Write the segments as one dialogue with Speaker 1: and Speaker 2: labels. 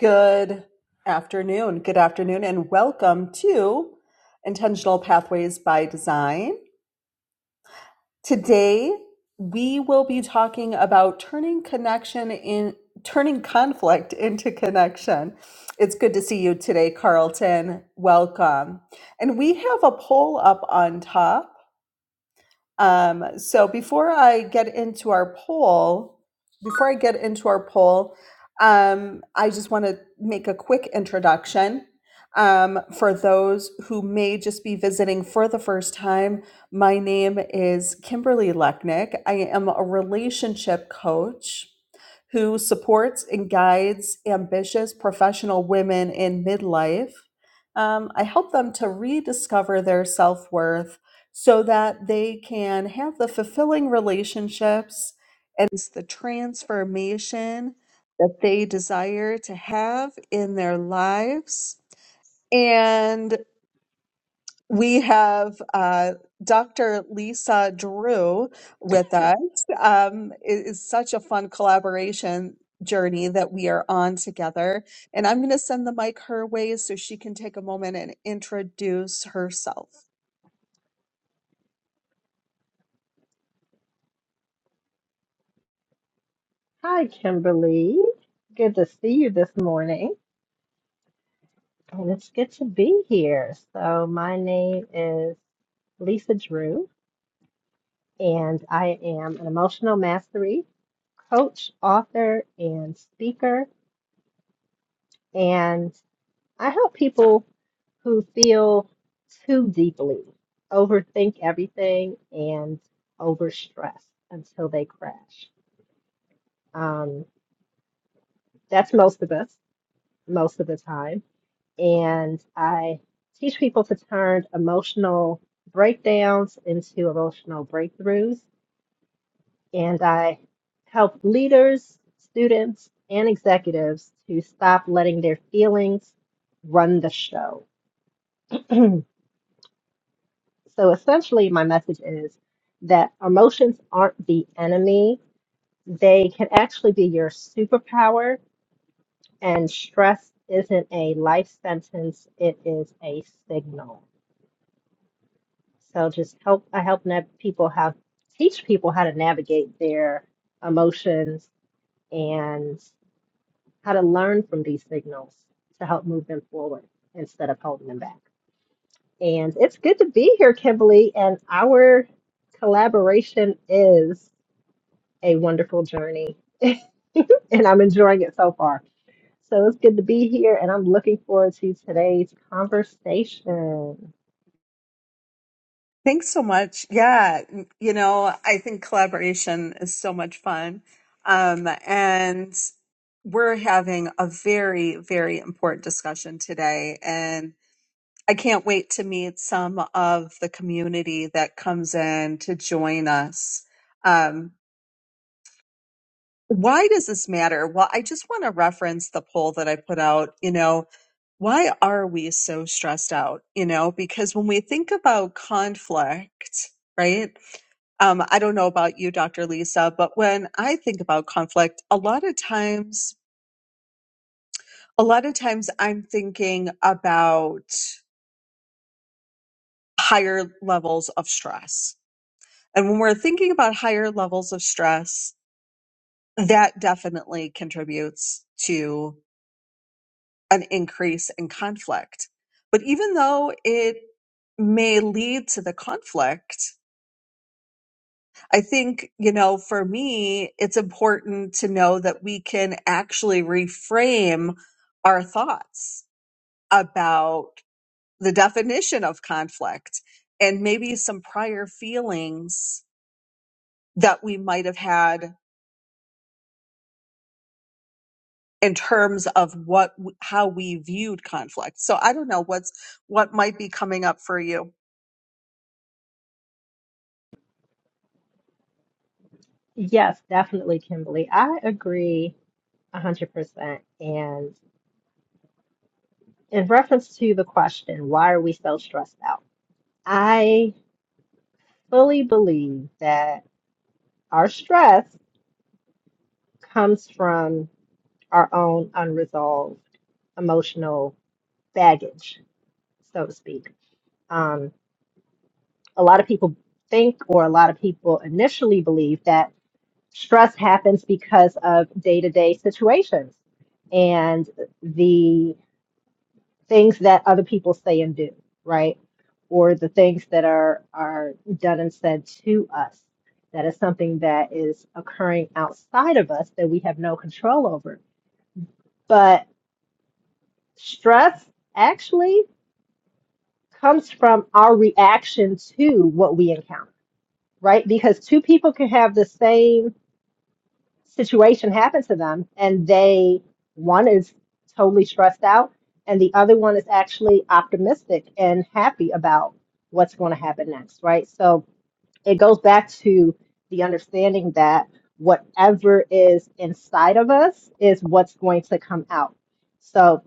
Speaker 1: Good afternoon. Good afternoon, and welcome to Intentional Pathways by Design. Today, we will be talking about turning connection in turning conflict into connection. It's good to see you today, Carlton. Welcome. And we have a poll up on top um, so before I get into our poll, before I get into our poll, um, I just want to make a quick introduction. Um, for those who may just be visiting for the first time, my name is Kimberly Lechnick. I am a relationship coach who supports and guides ambitious professional women in midlife. Um, I help them to rediscover their self worth so that they can have the fulfilling relationships and the transformation that they desire to have in their lives. And we have uh, Dr. Lisa Drew with us. Um, it is such a fun collaboration journey that we are on together. And I'm going to send the mic her way so she can take a moment and introduce herself.
Speaker 2: Hi, Kimberly. Good to see you this morning, and it's good to be here. So, my name is Lisa Drew, and I am an emotional mastery coach, author, and speaker. And I help people who feel too deeply, overthink everything, and overstress until they crash. Um, that's most of us, most of the time. and I teach people to turn emotional breakdowns into emotional breakthroughs. And I help leaders, students, and executives to stop letting their feelings run the show. so essentially, my message is that emotions aren't the enemy, they can actually be your superpower, and stress isn't a life sentence, it is a signal. So just help I help nav- people have teach people how to navigate their emotions and how to learn from these signals to help move them forward instead of holding them back. And it's good to be here, Kimberly. And our collaboration is a wonderful journey. and I'm enjoying it so far. So it's good to be here, and I'm looking forward to today's conversation.
Speaker 1: Thanks so much. Yeah, n- you know, I think collaboration is so much fun. Um, and we're having a very, very important discussion today. And. I can't wait to meet some of the community that comes in to join us. Um, why does this matter? Well, I just want to reference the poll that I put out. You know, why are we so stressed out? You know, because when we think about conflict, right? Um, I don't know about you, Dr. Lisa, but when I think about conflict, a lot of times, a lot of times I'm thinking about higher levels of stress And when we're thinking about higher levels of stress, that definitely contributes to an increase in conflict. But even though it may lead to the conflict, I think, you know, for me, it's important to know that we can actually reframe our thoughts about the definition of conflict and maybe some prior feelings that we might have had in terms of what how we viewed conflict. So I don't know what's what might be coming up for you.
Speaker 2: Yes, definitely, Kimberly. I agree A hundred percent. And in reference to the question, why are we so stressed out? I fully believe that our stress comes from our own unresolved emotional baggage, so to speak. Um, a lot of people think, or a lot of people initially believe that stress happens because of day-to-day situations and the things that other people say and do, right? Or the things that are are done and said to us. That is something that is occurring outside of us that we have no control over. But stress actually comes from our reaction to what we encounter, right? Because two people can have the same situation happened to them and they one is totally stressed out and the other one is actually optimistic and happy about what's going to happen next right so it goes back to the understanding that whatever is inside of us is what's going to come out so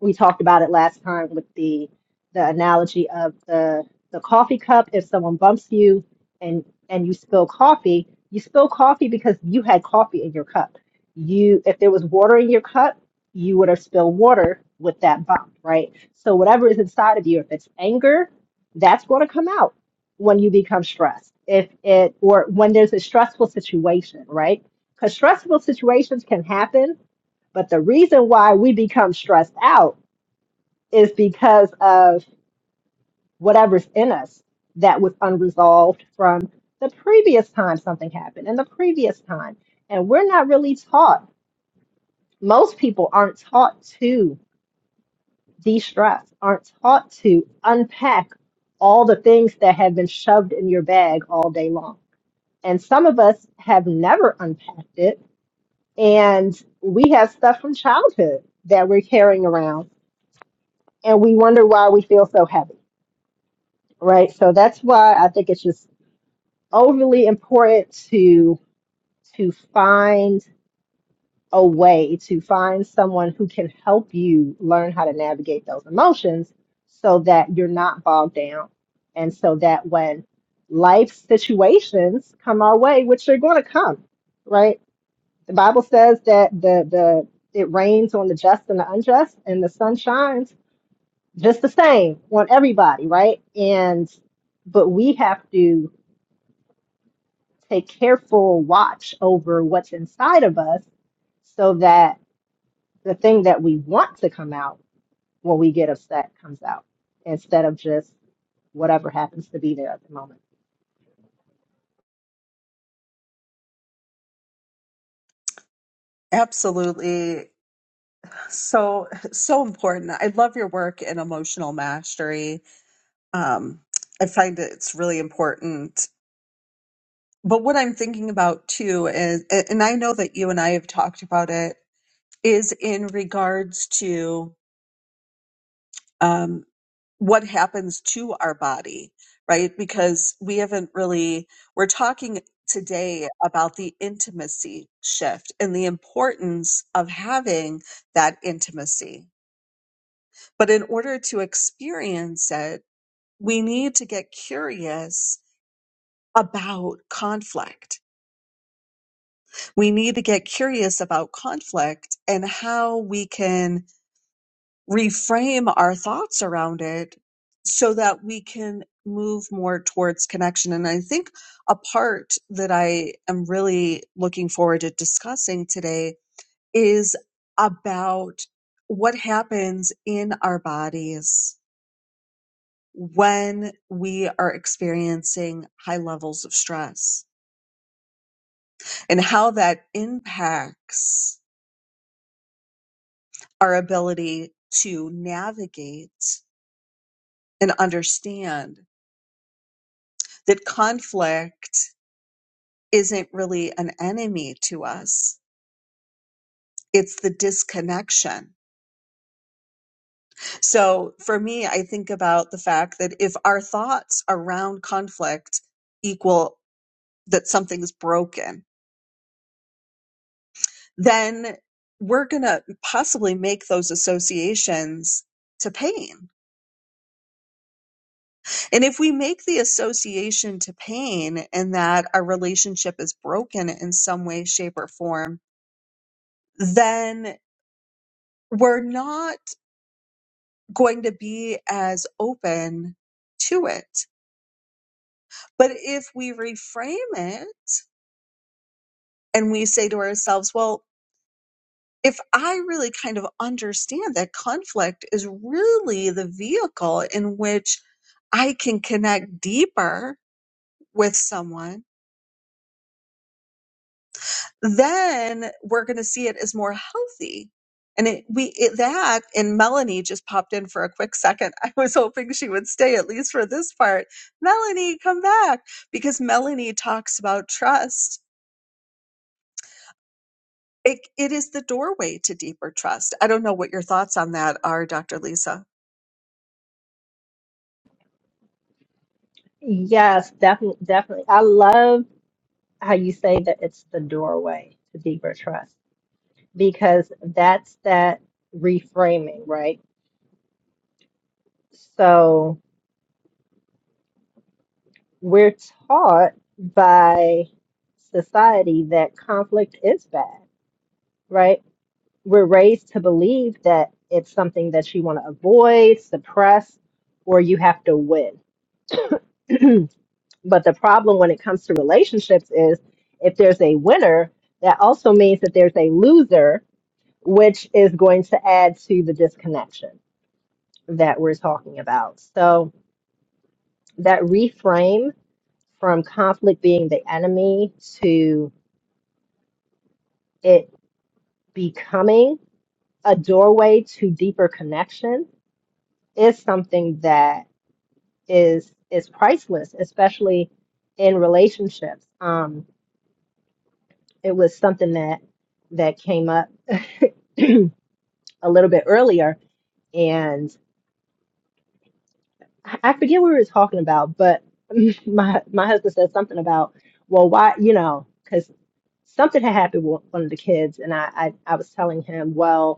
Speaker 2: we talked about it last time with the the analogy of the the coffee cup if someone bumps you and and you spill coffee you spill coffee because you had coffee in your cup you if there was water in your cup you would have spilled water with that bump right so whatever is inside of you if it's anger that's going to come out when you become stressed if it or when there's a stressful situation right because stressful situations can happen but the reason why we become stressed out is because of whatever's in us that was unresolved from the previous time something happened and the previous time. And we're not really taught, most people aren't taught to de stress, aren't taught to unpack all the things that have been shoved in your bag all day long. And some of us have never unpacked it. And we have stuff from childhood that we're carrying around, and we wonder why we feel so heavy right? So that's why I think it's just overly important to to find a way to find someone who can help you learn how to navigate those emotions so that you're not bogged down and so that when life situations come our way which they're going to come right the bible says that the the it rains on the just and the unjust and the sun shines just the same on everybody right and but we have to take careful watch over what's inside of us so that the thing that we want to come out when we get upset comes out instead of just whatever happens to be there at the moment.
Speaker 1: Absolutely. So so important. I love your work in emotional mastery. Um, I find that it's really important. But what I'm thinking about too is, and I know that you and I have talked about it, is in regards to um, what happens to our body, right? Because we haven't really, we're talking today about the intimacy shift and the importance of having that intimacy. But in order to experience it, we need to get curious about conflict. We need to get curious about conflict and how we can reframe our thoughts around it so that we can move more towards connection. And I think a part that I am really looking forward to discussing today is about what happens in our bodies when we are experiencing high levels of stress and how that impacts our ability to navigate and understand that conflict isn't really an enemy to us. It's the disconnection. So for me, I think about the fact that if our thoughts around conflict equal that something's broken, then we're going to possibly make those associations to pain. And if we make the association to pain and that our relationship is broken in some way, shape, or form, then we're not going to be as open to it. But if we reframe it and we say to ourselves, well, if I really kind of understand that conflict is really the vehicle in which I can connect deeper with someone then we're going to see it as more healthy. And it, we it, that and Melanie just popped in for a quick second. I was hoping she would stay at least for this part. Melanie, come back because Melanie talks about trust. It, it is the doorway to deeper trust. I don't know what your thoughts on that are, Dr. Lisa.
Speaker 2: Yes, definitely, definitely. I love how you say that it's the doorway to deeper trust because that's that reframing, right? So we're taught by society that conflict is bad, right? We're raised to believe that it's something that you want to avoid, suppress, or you have to win. but the problem when it comes to relationships is if there's a winner, that also means that there's a loser, which is going to add to the disconnection that we're talking about. So that reframe from conflict being the enemy to it becoming a doorway to deeper connection is something that is is priceless, especially in relationships. Um, it was something that that came up a little bit earlier, and I I forget what we were talking about, but my my husband said something about, well, why, you know, because something had happened with one of the kids, and I I, I was telling him, well.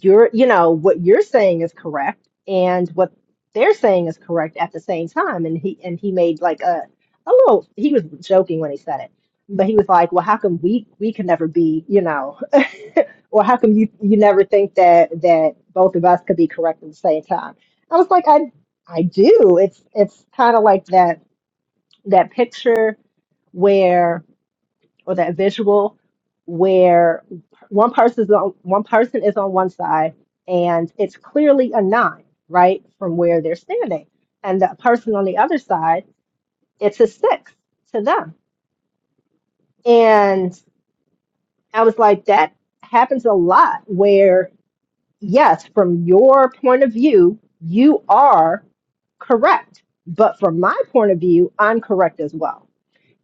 Speaker 2: you're you know what you're saying is correct and what they're saying is correct at the same time and he and he made like a a little he was joking when he said it but he was like well how come we we can never be you know or how come you you never think that that both of us could be correct at the same time i was like i i do it's it's kind of like that that picture where." or that visual where one person's on one person is on one side and it's clearly a nine, right, from where they're standing, and the person on the other side, it's a six to them. And I was like, that happens a lot where, yes, from your point of view, you are correct, but from my point of view, I'm correct as well.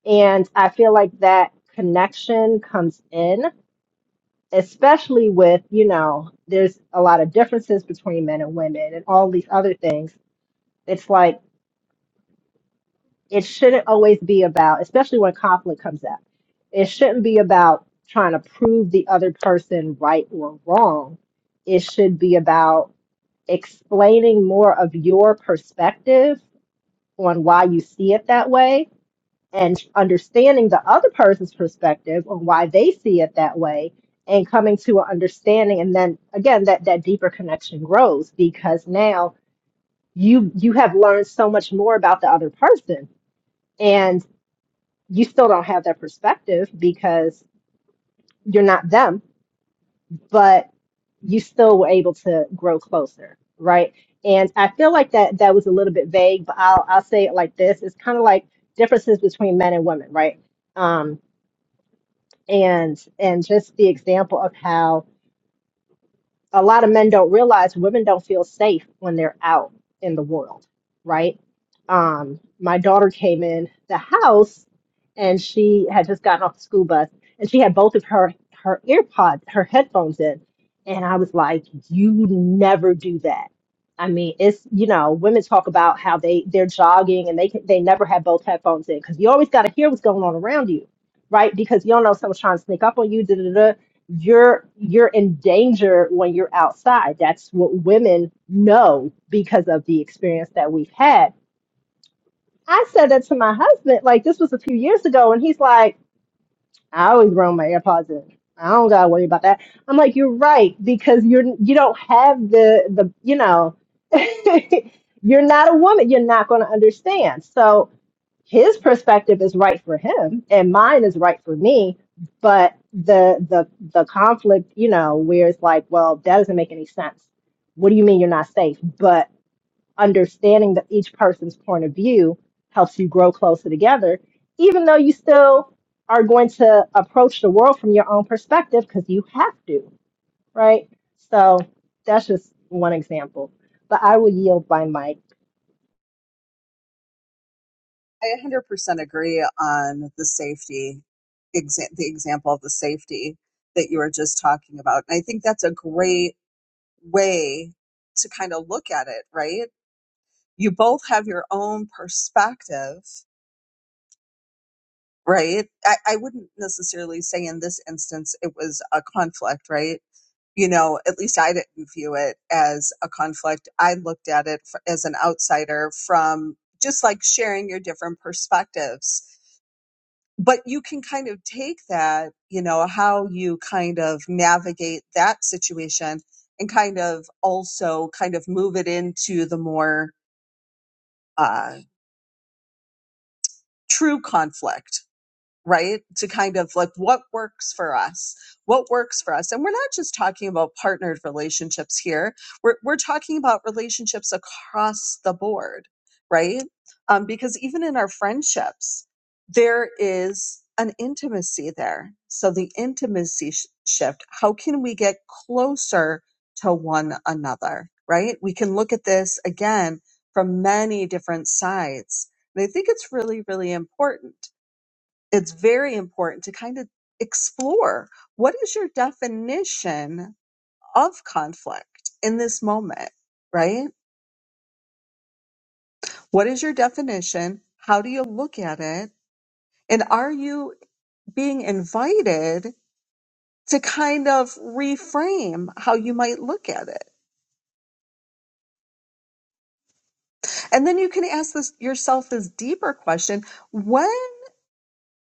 Speaker 2: And I feel like that connection comes in especially with, you know, there's a lot of differences between men and women and all these other things. It's like it shouldn't always be about, especially when conflict comes up, it shouldn't be about trying to prove the other person right or wrong. It should be about explaining more of your perspective on why you see it that way and understanding the other person's perspective on why they see it that way and coming to an understanding and then again that that deeper connection grows because now you you have learned so much more about the other person and you still don't have that perspective because you're not them but you still were able to grow closer right and i feel like that that was a little bit vague but i'll i'll say it like this it's kind of like differences between men and women right Um. and and just the example of how a lot of men don't realize women don't feel safe when they're out in the world, right? Um, my daughter came in the house and she had just gotten off the school bus and she had both of her her ear pods, her headphones in. And I was like, you never do that. I mean, it's you know, women talk about how they they're jogging and they can, they never have both headphones in because you always got to hear what's going on around you, right? Because you don't know if someone's trying to sneak up on you. Da da da you're you're in danger when you're outside. That's what women know because of the experience that we've had. I said that to my husband, like this was a few years ago, and he's like, I always run my AirPods in. I don't gotta worry about that. I'm like, you're right, because you're you don't have the the you know you're not a woman, you're not gonna understand. So his perspective is right for him and mine is right for me but the the the conflict you know where it's like well that doesn't make any sense what do you mean you're not safe but understanding that each person's point of view helps you grow closer together even though you still are going to approach the world from your own perspective because you have to right so that's just one example but i will yield my mic
Speaker 1: I 100% agree on the safety, exa- the example of the safety that you were just talking about. And I think that's a great way to kind of look at it, right? You both have your own perspective, right? I, I wouldn't necessarily say in this instance it was a conflict, right? You know, at least I didn't view it as a conflict. I looked at it f- as an outsider from just like sharing your different perspectives. but you can kind of take that, you know, how you kind of navigate that situation and kind of also kind of move it into the more uh, true conflict right? To kind of like what works for us, what works for us. And we're not just talking about partnered relationships here, we're, we're talking about relationships across the board, right? Um, because even in our friendships, there is an intimacy there. So the intimacy sh- shift, how can we get closer to one another, right? We can look at this again from many different sides. And I think it's really, really important it's very important to kind of explore what is your definition of conflict in this moment, right? What is your definition? How do you look at it? And are you being invited to kind of reframe how you might look at it? And then you can ask this yourself this deeper question. When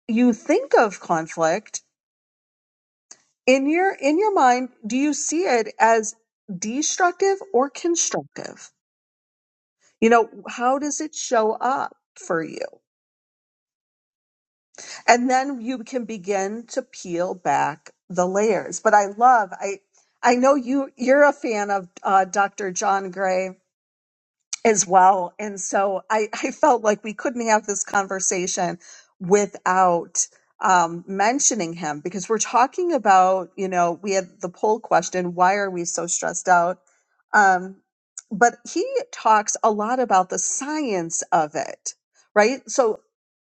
Speaker 1: you think of conflict in your in your mind, do you see it as destructive or constructive? You know, how does it show up for you? And then you can begin to peel back the layers. But I love, I, I know you, you're a fan of uh, Dr. John Gray as well. And so I, I felt like we couldn't have this conversation without um, mentioning him because we're talking about, you know, we had the poll question why are we so stressed out? Um, but he talks a lot about the science of it, right? So,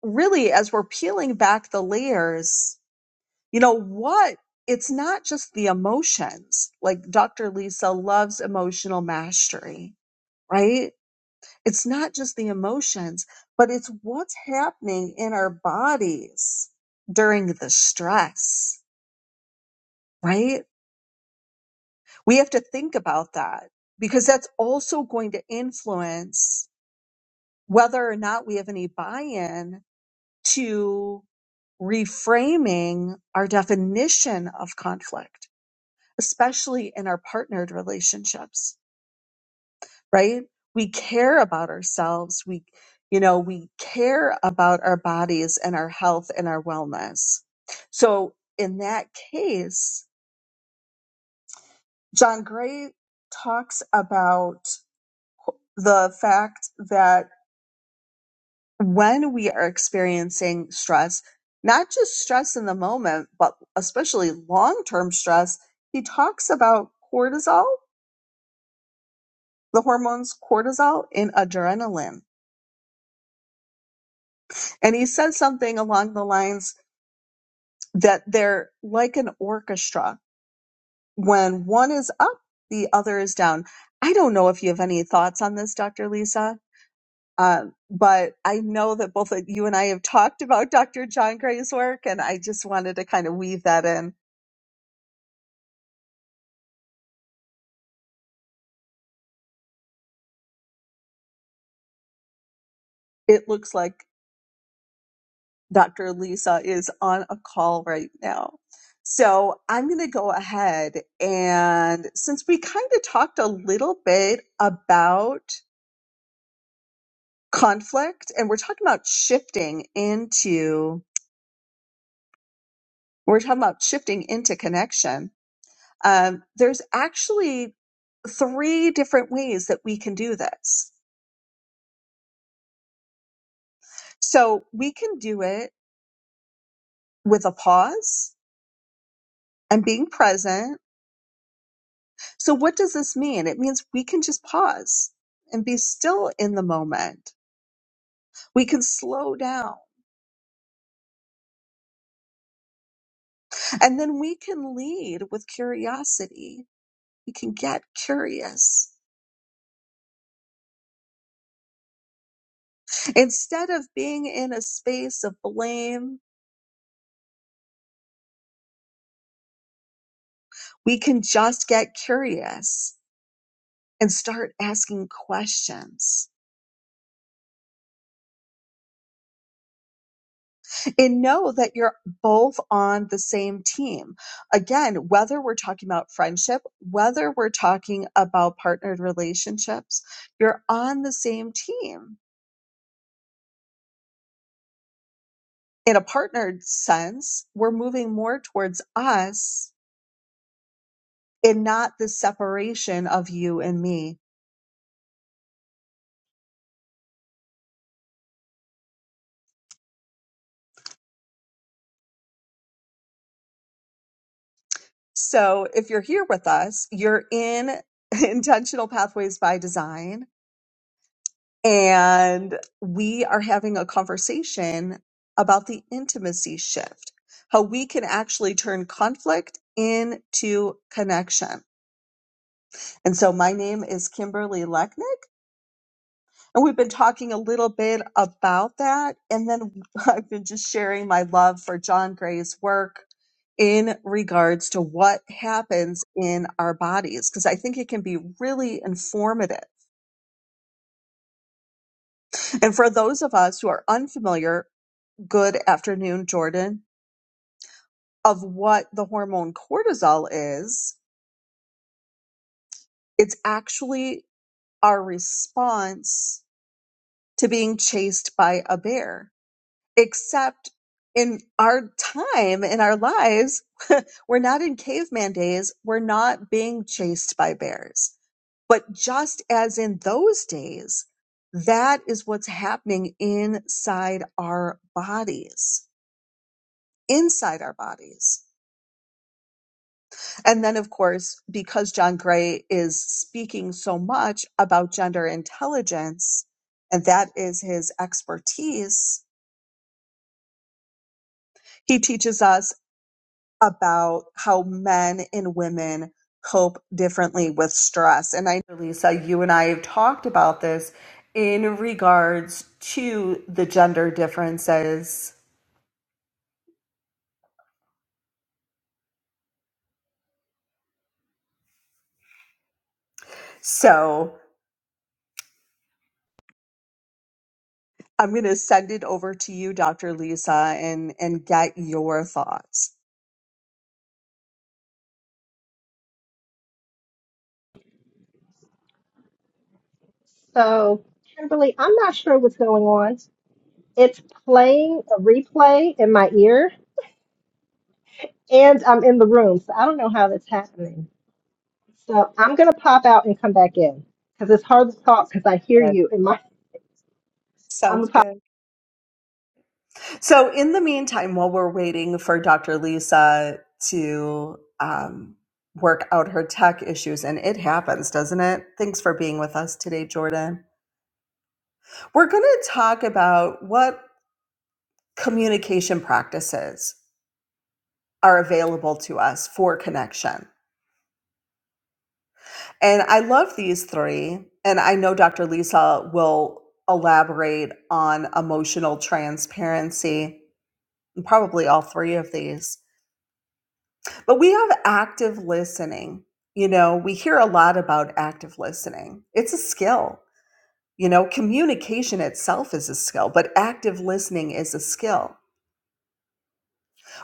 Speaker 1: really, as we're peeling back the layers, you know, what it's not just the emotions. Like Dr. Lisa loves emotional mastery, right? It's not just the emotions, but it's what's happening in our bodies during the stress, right? We have to think about that because that's also going to influence whether or not we have any buy in to reframing our definition of conflict, especially in our partnered relationships right? We care about ourselves. We, you know, we care about our bodies and our health and our wellness. So in that case, John Gray talks about the fact that when we are experiencing stress, not just stress in the moment, but especially long term stress, he talks about cortisol, the hormones cortisol and adrenaline. And he said something along the lines that they're like an orchestra. When one is up, the other is down. I don't know if you have any thoughts on this, Dr. Lisa, uh, but I know that both of you and I have talked about Dr. John Gray's work, and I just wanted to kind of weave that in. It looks like Dr. Lisa is on a call right now. So I'm going to go ahead and since we kind of talked a little bit about conflict and we're talking about shifting into we're talking about shifting into connection um, there's actually three different ways that we can do this so we can do it with a pause and being present so what does this mean it means we can just pause and be still in the moment we can slow down and then we can lead with curiosity we can get curious Instead of being in a space of blame, we can just get curious and start asking questions and know that you're both on the same team. Again, whether we're talking about friendship, whether we're talking about partnered relationships, you're on the same team. In a partnered sense, we're moving more towards us and not the separation of you and me So if you're here with us, you're in Intentional Pathways by Design, and we are having a conversation about the intimacy shift, how we can actually turn conflict into connection. And so my name is Kimberly Lechnick. And we've been talking a little bit about that. And then I've been just sharing my love for John Gray's work in regards to what happens in our bodies, because I think it can be really informative. And for those of us who are unfamiliar, good afternoon, Jordan, of what the hormone cortisol is, it's actually our response to being chased by a bear, except in our time in our lives We're not in caveman days. We're not being chased by bears. But just as in those days, that is what's happening inside our bodies, inside our bodies. And then, of course, because John Gray is speaking so much about gender intelligence, and that is his expertise, he teaches us about how men and women cope differently with stress. And I, know, Lisa, you and I have talked about this in regards to the gender differences. So I'm going to send it over to you, Dr. Lisa, and, and get your thoughts.
Speaker 2: so kimberly i'm not sure what's going on It's playing a replay in my ear, and I'm in the room, so I don't know how that's happening. So I'm gonna pop out and come back in because it's hard to talk because I hear
Speaker 1: That
Speaker 2: you in my. I'm a
Speaker 1: sounds
Speaker 2: pop.
Speaker 1: good. So, in the meantime, while we're waiting for Dr. Lisa to um, work out her tech issues, and it happens, doesn't it? Thanks for being with us today, Jordan. We're going to talk about what communication practices are available to us for connection. And I love these three. And I know Dr. Lisa will elaborate on emotional transparency, and probably all three of these. But we have active listening. You know, we hear a lot about active listening. It's a skill. You know, communication itself is a skill, but active listening is a skill.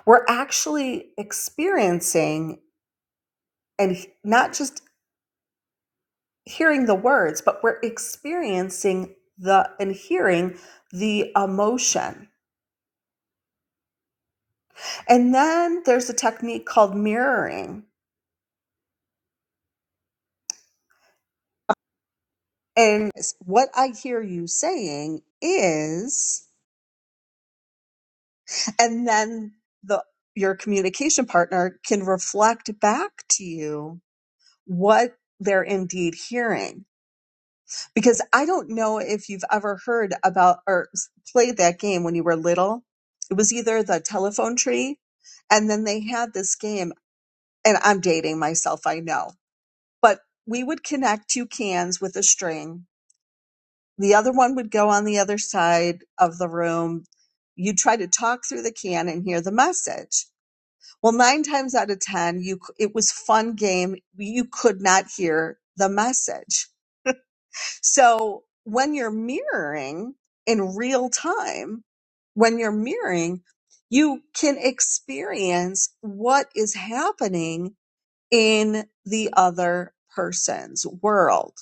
Speaker 1: We're actually experiencing and not just hearing the words, but we're experiencing the and hearing the emotion. And then there's a technique called mirroring. And what I hear you saying is and then the your communication partner can reflect back to you what they're indeed hearing because i don't know if you've ever heard about or played that game when you were little it was either the telephone tree and then they had this game and i'm dating myself i know but we would connect two cans with a string the other one would go on the other side of the room you'd try to talk through the can and hear the message Well, nine times out of 10, you, c- it was fun game. You could not hear the message. So when you're mirroring in real time, when you're mirroring, you can experience what is happening in the other person's world.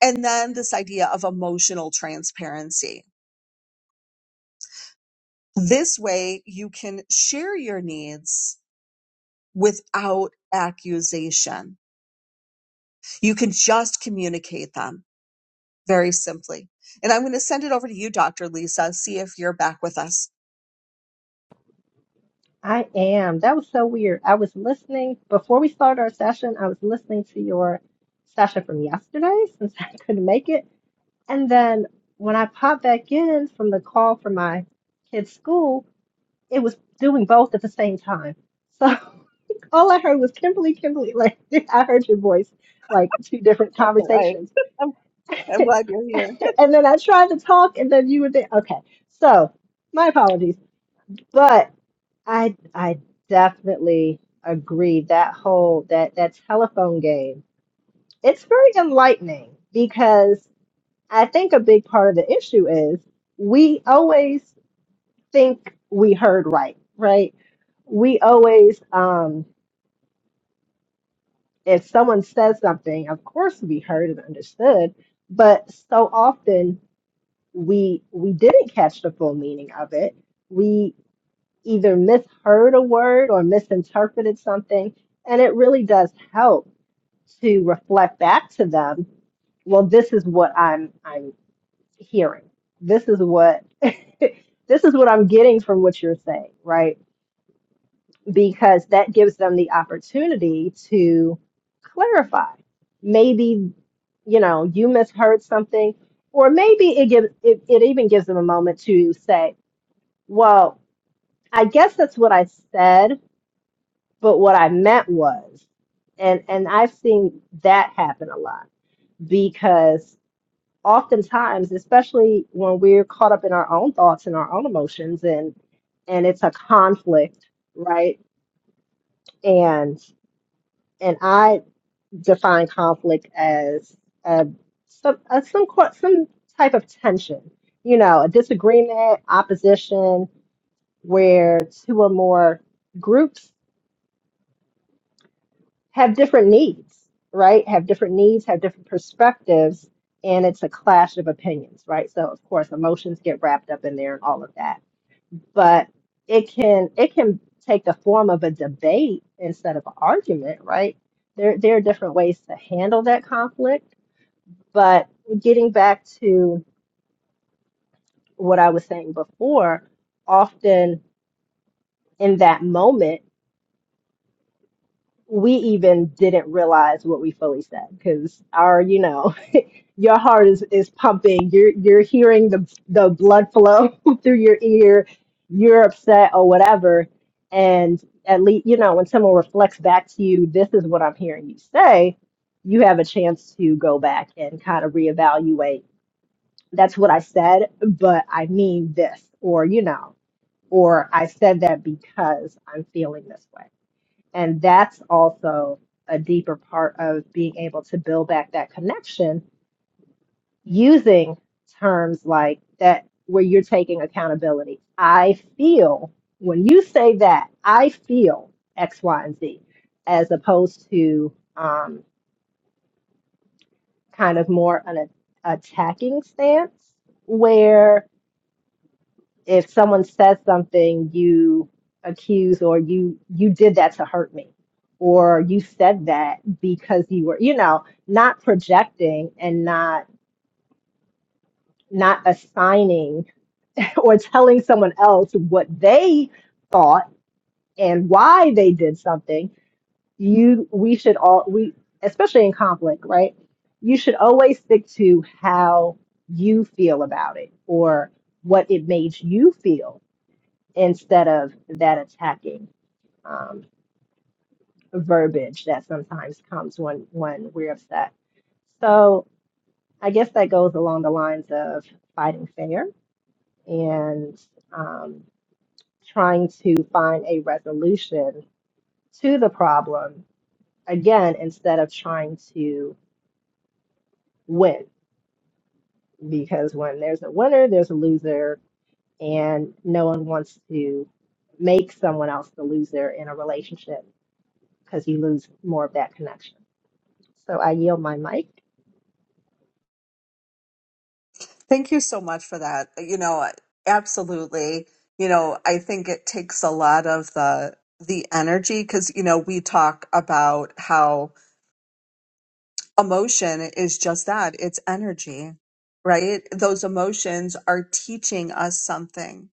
Speaker 1: And then this idea of emotional transparency. This way you can share your needs without accusation You can just communicate them very simply. And I'm going to send it over to you, Dr. Lisa, see if you're back with us.
Speaker 2: I am. That was so weird. I was listening before we started our session. I was listening to your session from yesterday since I couldn't make it, and then when I popped back in from the call from my kid's school, it was doing both at the same time. So All I heard was Kimberly, Kimberly. Like I heard your voice, like two different
Speaker 1: That's all right.
Speaker 2: conversations.
Speaker 1: I'm, I'm glad you're here.
Speaker 2: and then I tried to talk, and then you were there. Okay, so my apologies, but I I definitely agree that whole that that telephone game. It's very enlightening because I think a big part of the issue is we always think we heard right, right? We always um if someone says something, of course we heard and understood, but so often we we didn't catch the full meaning of it. We either misheard a word or misinterpreted something, and it really does help to reflect back to them, well, this is what I'm I'm hearing. This is what this is what I'm getting from what you're saying, right? because that gives them the opportunity to clarify. Maybe, you know, you misheard something, or maybe it gives it, it even gives them a moment to say, well, I guess that's what I said, but what I meant was. And and I've seen that happen a lot because oftentimes, especially when we're caught up in our own thoughts and our own emotions and and it's a conflict, right? And and I define conflict as uh, some uh, some qu- some type of tension, you know, a disagreement, opposition, where two or more groups have different needs, right? Have different needs, have different perspectives, and it's a clash of opinions, right? So of course, emotions get wrapped up in there and all of that, but it can it can take the form of a debate instead of an argument, right? There there are different ways to handle that conflict But getting back to what I was saying before, often in that moment, we even didn't realize what we fully said because our, you know, your heart is, is pumping. You're you're hearing the the blood flow through your ear. You're upset or whatever. And at least, you know, when someone reflects back to you, this is what I'm hearing you say. You have a chance to go back and kind of reevaluate that's what I said, but I mean this, or, you know, or I said that because I'm feeling this way. And that's also a deeper part of being able to build back that connection using terms like that, where you're taking accountability. I feel, when you say that, I feel X, Y, and Z, as opposed to um, kind of more an a- attacking stance where if someone says something you accuse or you you did that to hurt me or you said that because you were you know not projecting and not not assigning or telling someone else what they thought and why they did something you we should all we especially in conflict right you should always stick to how you feel about it or what it made you feel instead of that attacking um, verbiage that sometimes comes when when we're upset. So I guess that goes along the lines of fighting fair and um, trying to find a resolution to the problem again instead of trying to win because when there's a winner there's a loser and no one wants to make someone else the loser in a relationship because you lose more of that connection So I yield my mic.
Speaker 1: Thank you so much for that. You know, absolutely. You know, I think it takes a lot of the the energy because you know we talk about how emotion is just that it's energy right those emotions are teaching us something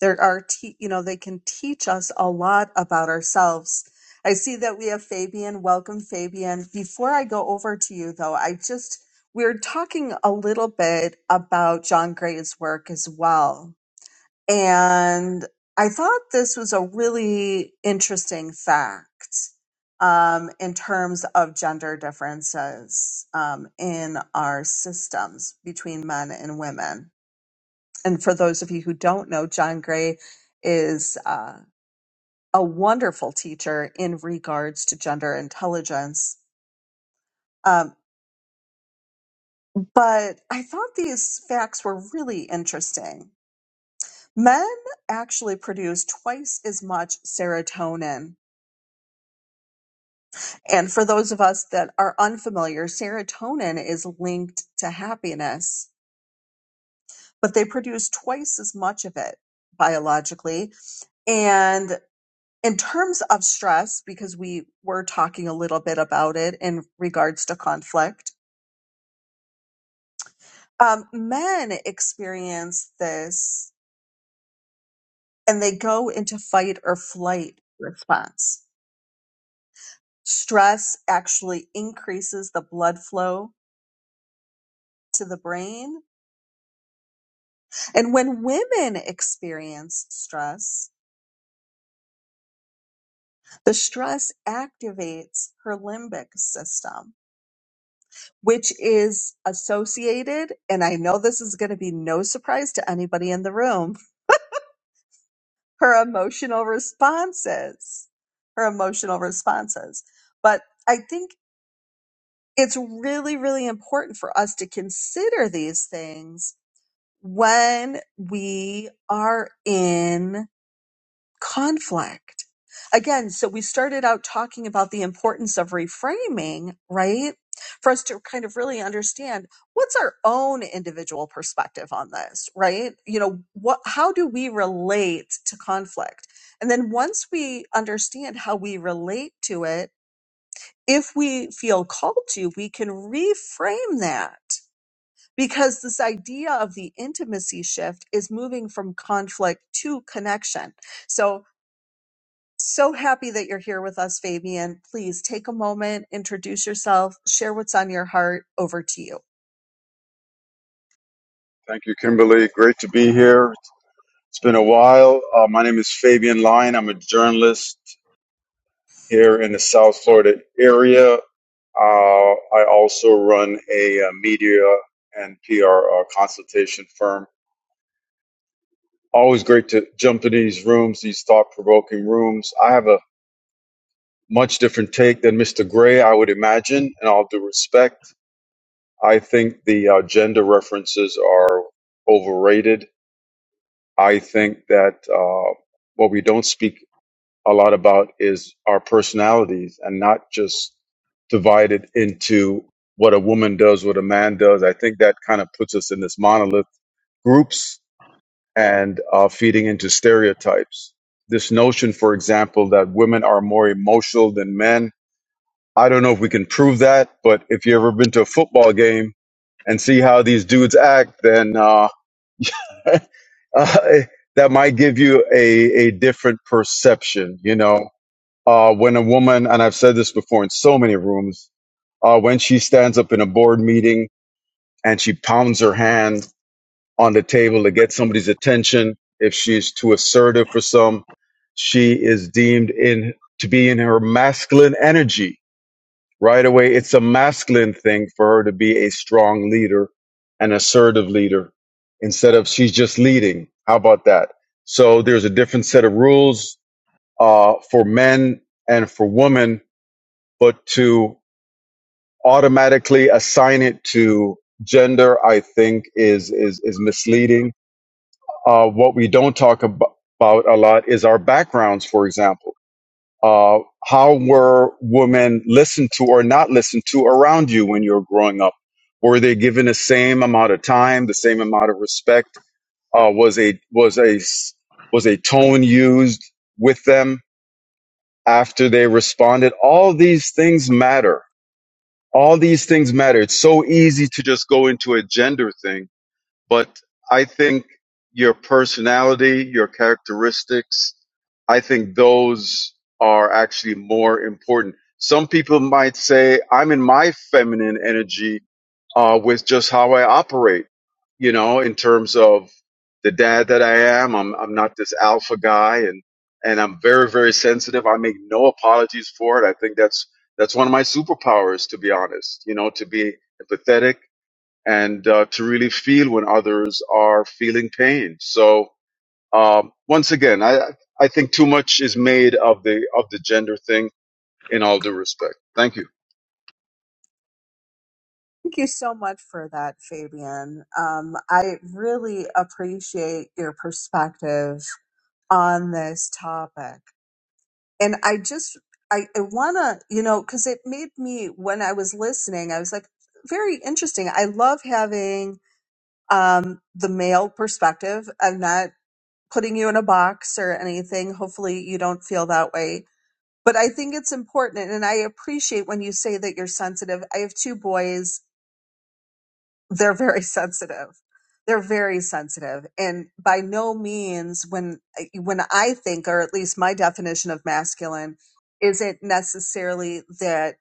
Speaker 1: there are te- you know they can teach us a lot about ourselves i see that we have fabian welcome fabian before i go over to you though i just we're talking a little bit about john gray's work as well and i thought this was a really interesting fact um, in terms of gender differences um, in our systems between men and women and for those of you who don't know, John Gray is uh, a wonderful teacher in regards to gender intelligence. Um, but I thought these facts were really interesting. Men actually produce twice as much serotonin. And for those of us that are unfamiliar, serotonin is linked to happiness, but they produce twice as much of it biologically. and in terms of stress, because we were talking a little bit about it in regards to conflict, um, men experience this and they go into fight or flight response. Stress actually increases the blood flow to the brain. And when women experience stress, the stress activates her limbic system, which is associated, and I know this is going to be no surprise to anybody in the room, her emotional responses her emotional responses but i think it's really really important for us to consider these things when we are in conflict. Again, so we started out talking about the importance of reframing, right? For us to kind of really understand what's our own individual perspective on this, right? You know, what how do we relate to conflict? And then once we understand how we relate to it, if we feel called to, we can reframe that because this idea of the intimacy shift is moving from conflict to connection. So so happy that you're here with us, Fabian. Please take a moment, introduce yourself, share what's on your heart. Over to you.
Speaker 3: Thank you, Kimberly. Great to be here. It's been a while. Uh, my name is Fabian Lyon. I'm a journalist here in the South Florida area. Uh, I also run a, uh media and PR uh, consultation firm. Always great to jump in these rooms, these thought provoking rooms. I have a much different take than Mr. Gray, I would imagine, and all due respect. I think the uh, gender references are overrated. I think that uh, what we don't speak a lot about is our personalities and not just divided into what a woman does, what a man does. I think that kind of puts us in this monolith groups and uh, feeding into stereotypes. This notion, for example, that women are more emotional than men. I don't know if we can prove that, but if you've ever been to a football game and see how these dudes act, then uh, uh, that might give you a, a different perception, you know? Uh, when a woman, and I've said this before in so many rooms, uh, when she stands up in a board meeting and she pounds her hand on the table to get somebody's attention, if she's too assertive for some, she is deemed in to be in her masculine energy right away. It's a masculine thing for her to be a strong leader, an assertive leader, instead of she's just leading. How about that? So there's a different set of rules uh, for men and for women but to automatically assign it to gender, I think is is is misleading. Uh, what we don't talk abo- about a lot is our backgrounds, for example. Uh, how were women listened to or not listened to around you when you were growing up? Were they given the same amount of time, the same amount of respect? Uh, was a was a s- was a tone used with them after they responded? All these things matter All these things matter. It's so easy to just go into a gender thing but I think your personality, your characteristics, I think those are actually more important. Some people might say, I'm in my feminine energy uh, with just how I operate, you know, in terms of the dad that I am. I'm, I'm not this alpha guy and, and I'm very, very sensitive. I make no apologies for it. I think that's, that's one of my superpowers, to be honest, you know, to be empathetic and uh, to really feel when others are feeling pain. So um, once again, I I think too much is made of the of the gender thing. In all due respect, thank you.
Speaker 1: Thank you so much for that, Fabian. Um, I really appreciate your perspective on this topic. And I just, I, I want to, you know, because it made me, when I was listening, I was like, very interesting. I love having um, the male perspective. I'm not putting you in a box or anything. Hopefully, you don't feel that way. But I think it's important. And I appreciate when you say that you're sensitive. I have two boys they're very sensitive they're very sensitive and by no means when when i think or at least my definition of masculine isn't necessarily that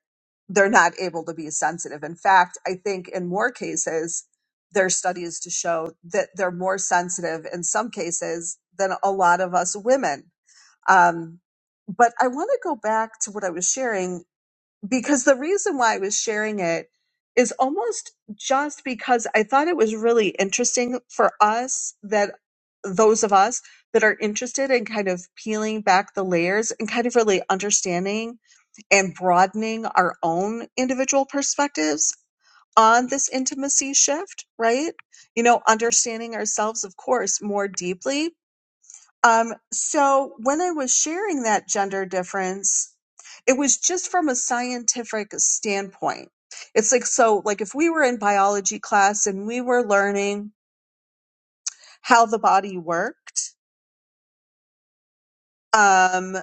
Speaker 1: they're not able to be sensitive in fact i think in more cases there are studies to show that they're more sensitive in some cases than a lot of us women um, but i want to go back to what i was sharing because the reason why I was sharing it is almost just because I thought it was really interesting for us that those of us that are interested in kind of peeling back the layers and kind of really understanding and broadening our own individual perspectives on this intimacy shift, right? You know, understanding ourselves, of course, more deeply um, so when I was sharing that gender difference, it was just from a scientific standpoint. It's like, so, like, if we were in biology class and we were learning how the body worked, um,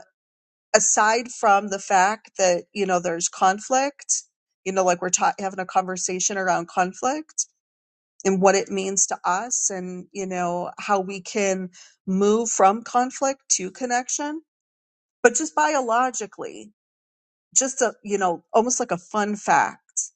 Speaker 1: aside from the fact that, you know, there's conflict, you know, like we're ta- having a conversation around conflict and what it means to us and, you know, how we can move from conflict to connection, but just biologically, just a you know almost like a fun fact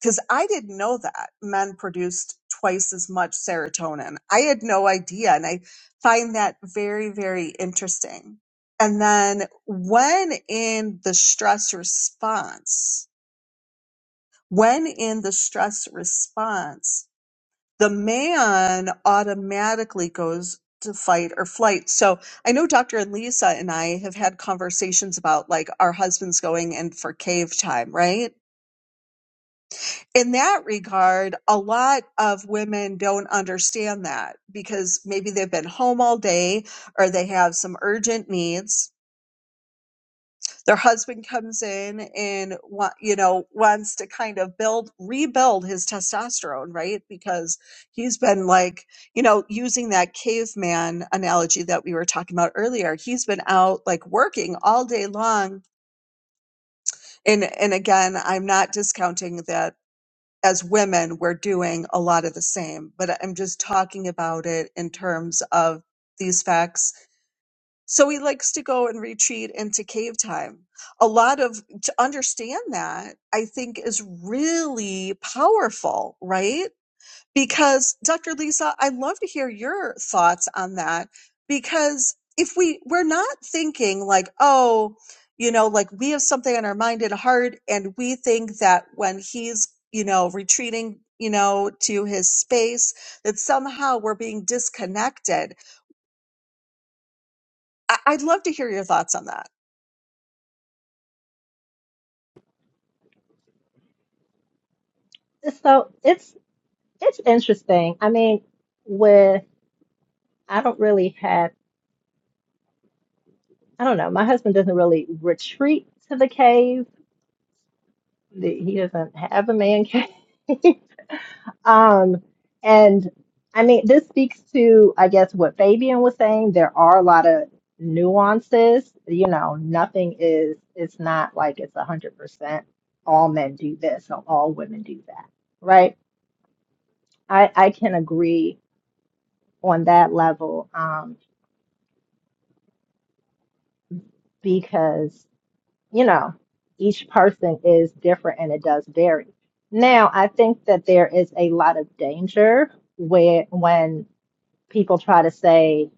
Speaker 1: because i didn't know that men produced twice as much serotonin i had no idea and i find that very very interesting and then when in the stress response when in the stress response the man automatically goes to fight or flight so i know dr and lisa and i have had conversations about like our husbands going in for cave time right in that regard, a lot of women don't understand that because maybe they've been home all day or they have some urgent needs. Their husband comes in and you know wants to kind of build rebuild his testosterone, right? Because he's been like, you know, using that caveman analogy that we were talking about earlier. He's been out like working all day long and and again, I'm not discounting that as women, we're doing a lot of the same, but I'm just talking about it in terms of these facts. So he likes to go and retreat into cave time. A lot of to understand that I think is really powerful, right? because Dr. Lisa, I'd love to hear your thoughts on that because if we we're not thinking like, oh, you know, like we have something on our mind and heart and we think that when he's, you know, retreating, you know, to his space that somehow we're being disconnected. I- I'd love to hear your thoughts on that.
Speaker 2: So it's it's interesting. I mean, with I don't really have I don't know. My husband doesn't really retreat to the cave. The- He doesn't have a man cave. Um, and I mean, this speaks to I guess what Fabian was saying. There are a lot of nuances. You know, nothing is. It's not like it's a hundred percent. All men do this, or all women do that, right? I I can agree on that level um, because, you know, each person is different and it does vary. Now, I think that there is a lot of danger where when people try to say,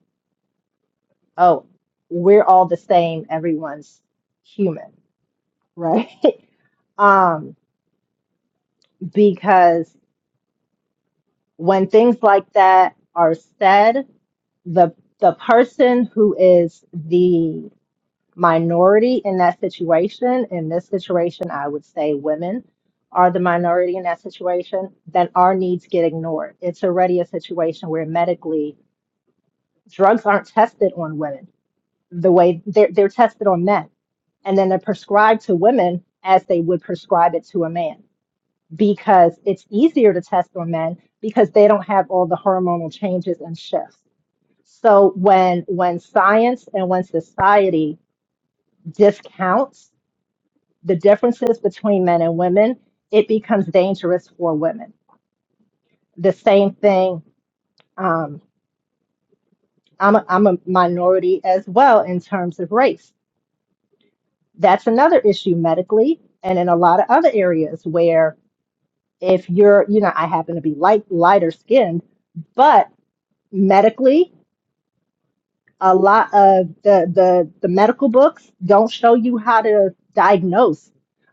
Speaker 2: oh, we're all the same, everyone's human, right? um, because when things like that are said, the the person who is the minority in that situation. In this situation, I would say women are the minority in that situation, then our needs get ignored. It's already a situation where medically drugs aren't tested on women the way they're, they're tested on men. And then they're prescribed to women as they would prescribe it to a man because it's easier to test on men because they don't have all the hormonal changes and shifts. So when when science and when society discounts the differences between men and women, it becomes dangerous for women. The same thing, um, I'm, a, I'm a minority as well in terms of race. That's another issue medically and in a lot of other areas where if you're, you know, I happen to be light, lighter skinned, but medically a lot of the, the the medical books don't show you how to diagnose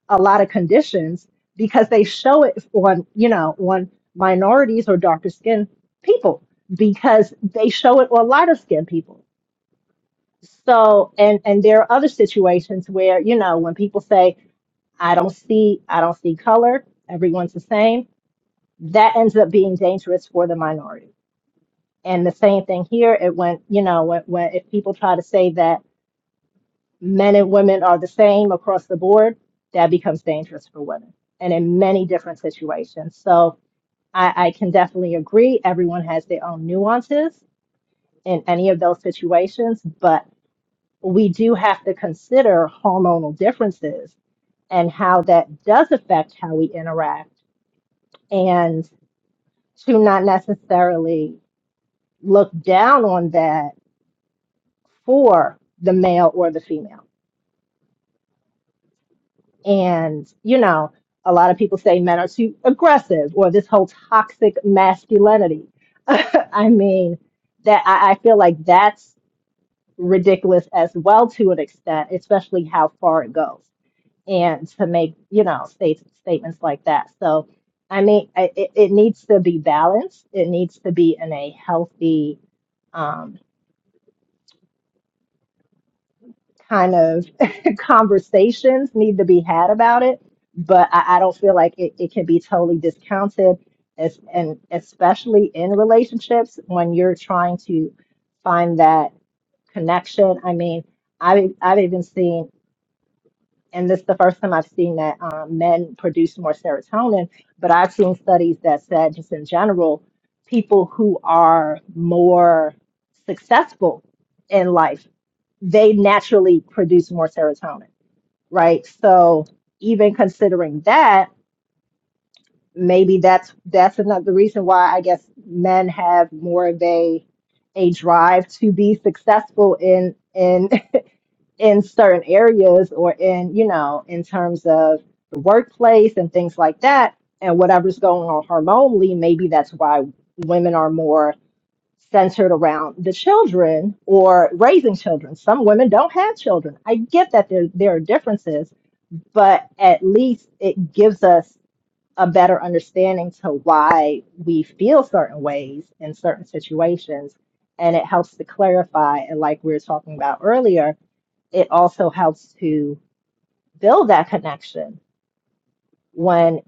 Speaker 2: a lot of conditions because they show it on you know on minorities or darker skinned people because they show it on lighter skinned people so and and there are other situations where you know when people say i don't see i don't see color everyone's the same that ends up being dangerous for the minority and the same thing here it went you know when, when if people try to say that men and women are the same across the board, that becomes dangerous for women and in many different situations. So I, I can definitely agree. Everyone has their own nuances in any of those situations, but we do have to consider hormonal differences and how that does affect how we interact and to not necessarily look down on that for the male or the female And, you know, a lot of people say men are too aggressive or this whole toxic masculinity. I mean, that I, I feel like that's ridiculous as well to an extent, especially how far it goes. And to make, you know, state, statements like that. So, I mean, I- it, it needs to be balanced. It needs to be in a healthy um, kind of conversations need to be had about it, but I, I don't feel like it, it can be totally discounted, as, and especially in relationships when you're trying to find that connection. I mean, I've, I've even seen, and this is the first time I've seen that um, men produce more serotonin, but I've seen studies that said, just in general, people who are more successful in life, they naturally produce more serotonin right? So even considering that, maybe that's that's another reason why I guess men have more of a a drive to be successful in in in certain areas or in you know in terms of the workplace and things like that and whatever's going on hormonally maybe that's why women are more centered around the children or raising children some women don't have children i get that there there are differences but at least it gives us a better understanding to why we feel certain ways in certain situations. And it helps to clarify. And like we were talking about earlier, it also helps to build that connection when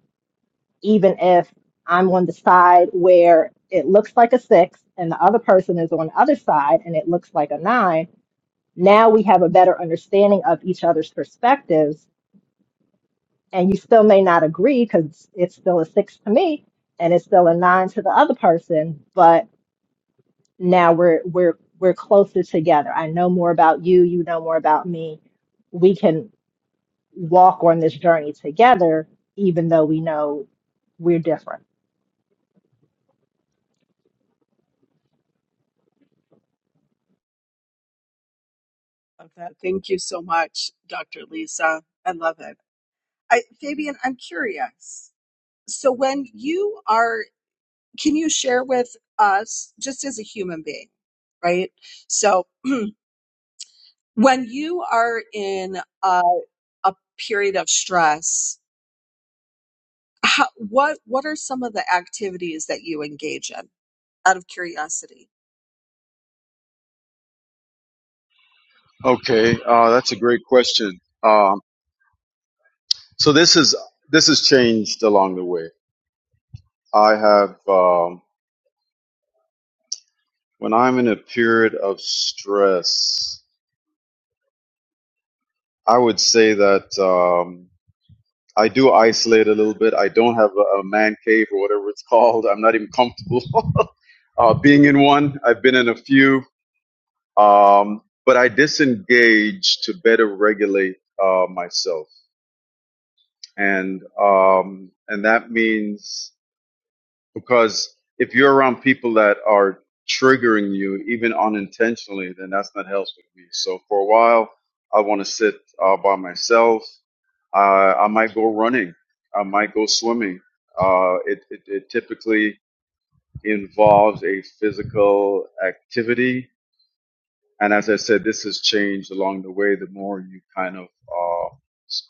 Speaker 2: even if I'm on the side where it looks like a six and the other person is on the other side and it looks like a nine, now we have a better understanding of each other's perspectives and you still may not agree because it's still a six to me and it's still a nine to the other person but now we're we're we're closer together i know more about you you know more about me we can walk on this journey together even though we know we're different
Speaker 1: Love that. Thank you so much, Dr. Lisa. I love it. I, Fabian, I'm curious. So when you are can you share with us just as a human being right so when you are in a, a period of stress how, what what are some of the activities that you engage in out of curiosity
Speaker 3: Okay, uh, that's a great question. Um, so this is this has changed along the way. I have um, when I'm in a period of stress, I would say that um, I do isolate a little bit. I don't have a, a man cave or whatever it's called. I'm not even comfortable uh, being in one. I've been in a few, um, but I disengage to better regulate uh, myself, and um, and that means because if you're around people that are triggering you, even unintentionally, then that's not healthy for me. So for a while, I want to sit uh, by myself. Uh, I might go running. I might go swimming. Uh, it, it, it typically involves a physical activity And as I said, this has changed along the way. The more you kind of uh, s-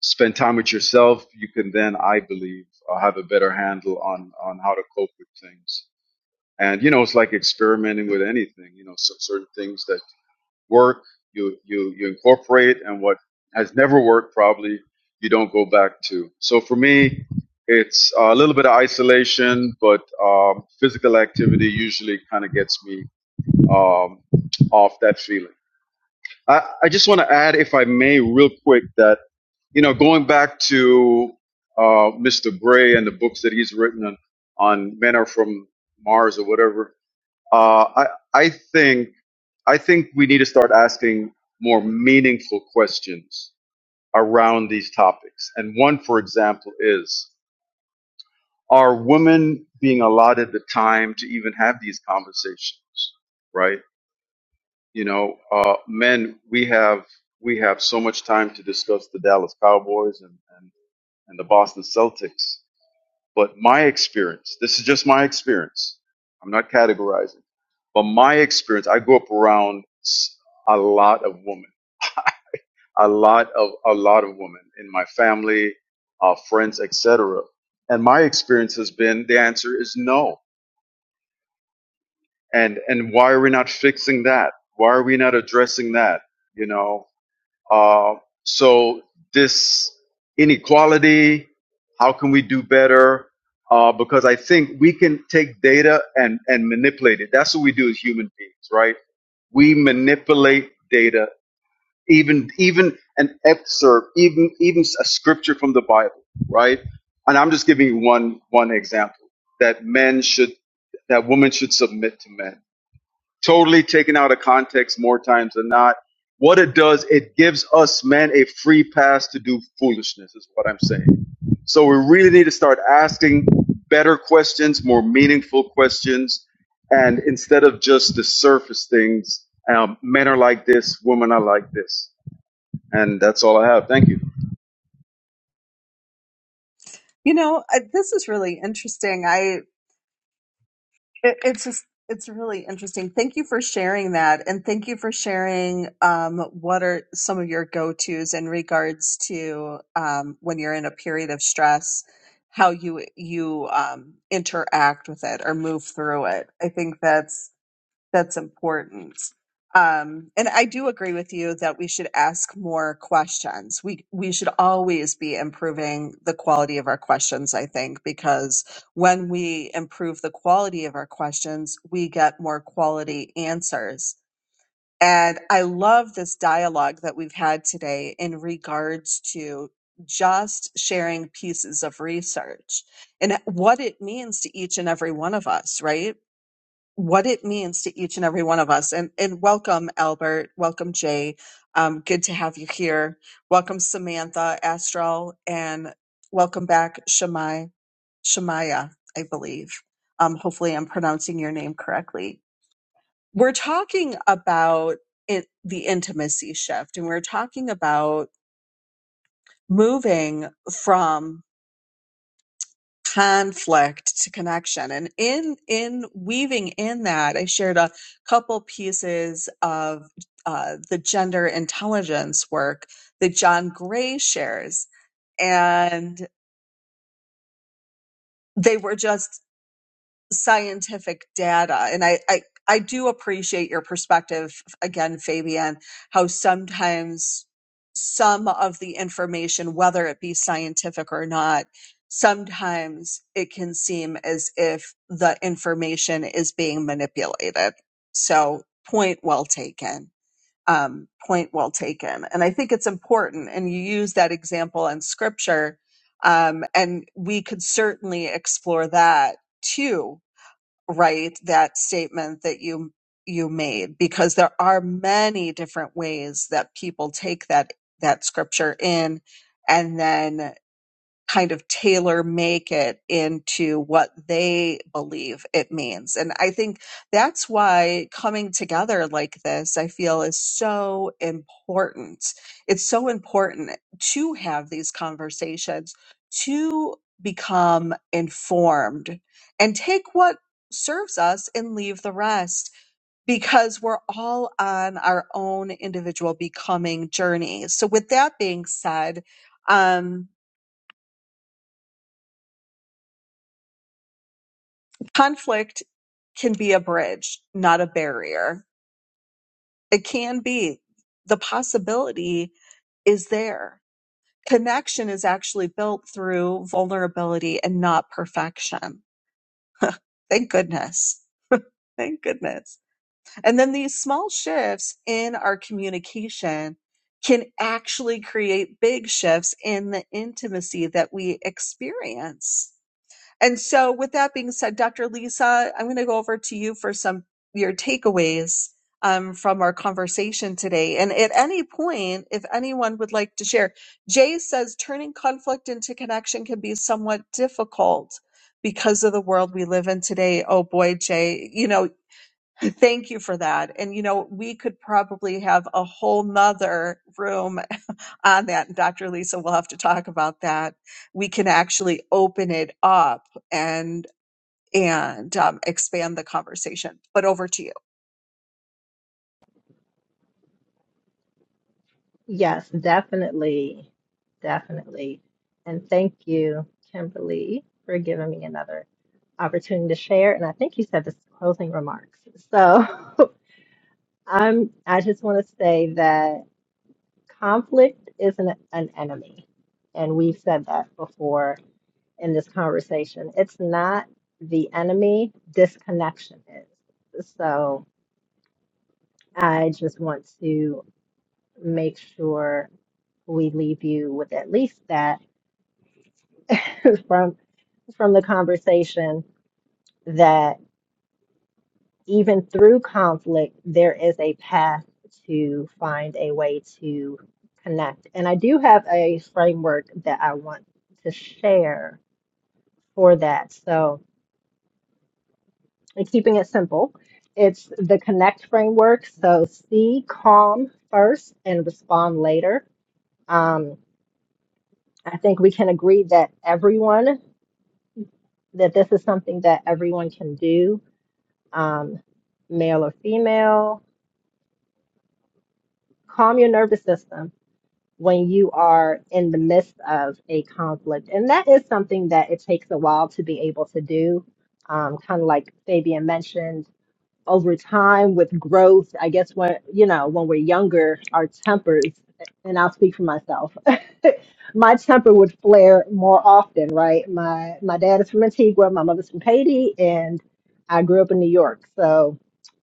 Speaker 3: spend time with yourself, you can then, I believe, uh, have a better handle on on how to cope with things. And you know, it's like experimenting with anything. You know, so certain things that work, you you you incorporate, and what has never worked, probably you don't go back to. So for me, it's uh, a little bit of isolation, but um, physical activity usually kind of gets me um, off that feeling. I, I just want to add, if I may, real quick, that you know, going back to uh, Mr. Gray and the books that he's written on, on men are from Mars or whatever. Uh, I I think I think we need to start asking more meaningful questions around these topics. And one, for example, is: Are women being allotted the time to even have these conversations? Right? You know, uh, men, we have we have so much time to discuss the Dallas Cowboys and, and, and the Boston Celtics. But my experience, this is just my experience. I'm not categorizing, but my experience. I grew up around s- a lot of women, a lot of a lot of women in my family, uh, friends, etc. And my experience has been the answer is no. And and why are we not fixing that? Why are we not addressing that? You know, Uh, so this inequality, how can we do better? Uh, because I think we can take data and, and manipulate it. That's what we do as human beings, right? We manipulate data, even even an excerpt, even even a scripture from the Bible, right? And I'm just giving you one one example that men should that women should submit to men totally taken out of context more times than not. What it does, it gives us men a free pass to do foolishness, is what I'm saying. So we really need to start asking better questions, more meaningful questions, and instead of just the surface things, um, men are like this, women are like this. And that's all I have. Thank you.
Speaker 1: You know, I, this is really interesting. I It, it's just it's really interesting. Thank you for sharing that, and thank you for sharing um, what are some of your go tos in regards to um, when you're in a period of stress, how you you um, interact with it or move through it. I think that's that's important. Um, and I do agree with you that we should ask more questions. We we should always be improving the quality of our questions. I think because when we improve the quality of our questions, we get more quality answers. And I love this dialogue that we've had today in regards to just sharing pieces of research and what it means to each and every one of us, right? what it means to each and every one of us. And, and welcome, Albert. Welcome, Jay. Um, good to have you here. Welcome, Samantha Astral, and welcome back, Shamai, Shamaya, I believe. Um, hopefully, I'm pronouncing your name correctly. We're talking about it, the intimacy shift, and we're talking about moving from conflict to connection and in in weaving in that i shared a couple pieces of uh, the gender intelligence work that john gray shares and they were just scientific data and I, I i do appreciate your perspective again fabian how sometimes some of the information whether it be scientific or not sometimes it can seem as if the information is being manipulated so point well taken um, point well taken and i think it's important and you use that example in scripture um, and we could certainly explore that too right that statement that you you made because there are many different ways that people take that that scripture in and then kind of tailor make it into what they believe it means. And I think that's why coming together like this, I feel is so important. It's so important to have these conversations, to become informed and take what serves us and leave the rest because we're all on our own individual becoming journey. So with that being said, um. conflict can be a bridge, not a barrier. It can be. The possibility is there. Connection is actually built through vulnerability and not perfection. Thank goodness. Thank goodness. And then these small shifts in our communication can actually create big shifts in the intimacy that we experience. And so, with that being said, Dr. Lisa, I'm going to go over to you for some your takeaways um, from our conversation today. And at any point, if anyone would like to share, Jay says turning conflict into connection can be somewhat difficult because of the world we live in today. Oh boy, Jay, you know, Thank you for that. And you know, we could probably have a whole nother room on that. And Dr. Lisa we will have to talk about that. We can actually open it up and and um, expand the conversation. But over to you.
Speaker 2: yes definitely definitely and thank you kimberly for giving me another opportunity to share and i think you said this is closing remarks so I'm I just want to say that conflict isn't an an enemy. And we've said that before in this conversation. It's not the enemy, disconnection is. So I just want to make sure we leave you with at least that from from the conversation even through conflict, there is a path to find a way to connect. And I do have a framework that I want to share for that. So, and keeping it simple, it's the connect framework. So, see calm first and respond later. Um, I think we can agree that everyone, that this is something that everyone can do, um, male or female. Calm your nervous system when you are in the midst of a conflict. And that is something that it takes a while to be able to do. Um, kind of like Fabian mentioned, over time with growth, I guess when, you know, when we're younger, our tempers, and I'll speak for myself, my temper would flare more often, right? My my dad is from Antigua, my mother's from Haiti, and I grew up in New York. So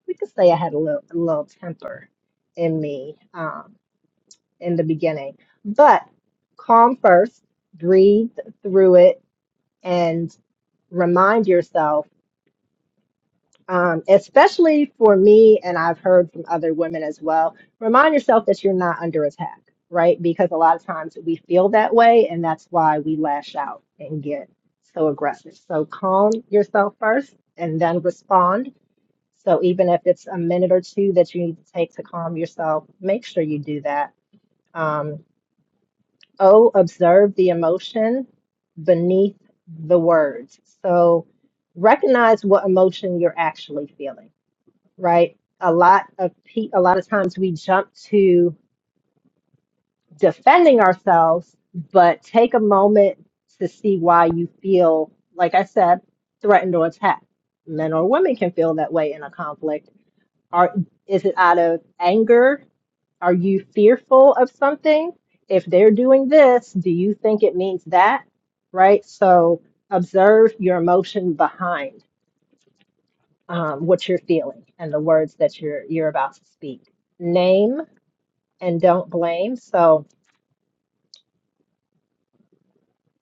Speaker 2: we could say I had a little, a little temper in me. Um, in the beginning. But calm first, breathe through it, and remind yourself, um, especially for me, and I've heard from other women as well, remind yourself that you're not under attack, right? Because a lot of times we feel that way, and that's why we lash out and get so aggressive. So calm yourself first and then respond. So even if it's a minute or two that you need to take to calm yourself, make sure you do that. Um, O, observe the emotion beneath the words. So recognize what emotion you're actually feeling, right? A lot of pe- a lot of times we jump to defending ourselves, but take a moment to see why you feel, like I said, threatened or attacked. Men or women can feel that way in a conflict are is it out of anger? Are you fearful of something? If they're doing this, do you think it means that? Right? So observe your emotion behind um, what you're feeling and the words that you're you're about to speak. Name and don't blame. So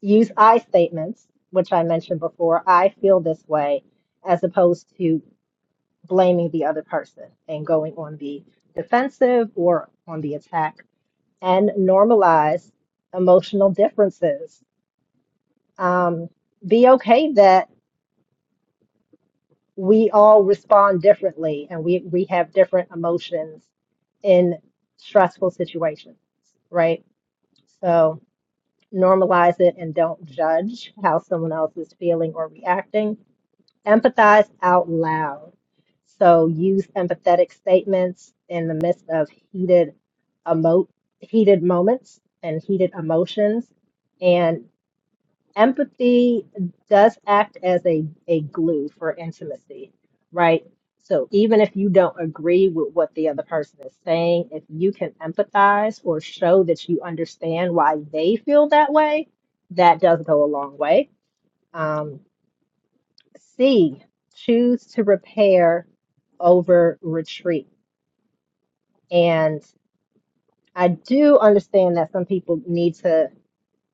Speaker 2: use I statements, which I mentioned before. I feel this way, as opposed to blaming the other person and going on the defensive or on the attack and normalize emotional differences. Um, be okay that we all respond differently and we, we have different emotions in stressful situations, right? So normalize it and don't judge how someone else is feeling or reacting. Empathize out loud. So use empathetic statements in the midst of heated emo- heated moments and heated emotions and empathy does act as a, a glue for intimacy, right? So even if you don't agree with what the other person is saying, if you can empathize or show that you understand why they feel that way, that does go a long way. Um, C, choose to repair over retreat. And I do understand that some people need to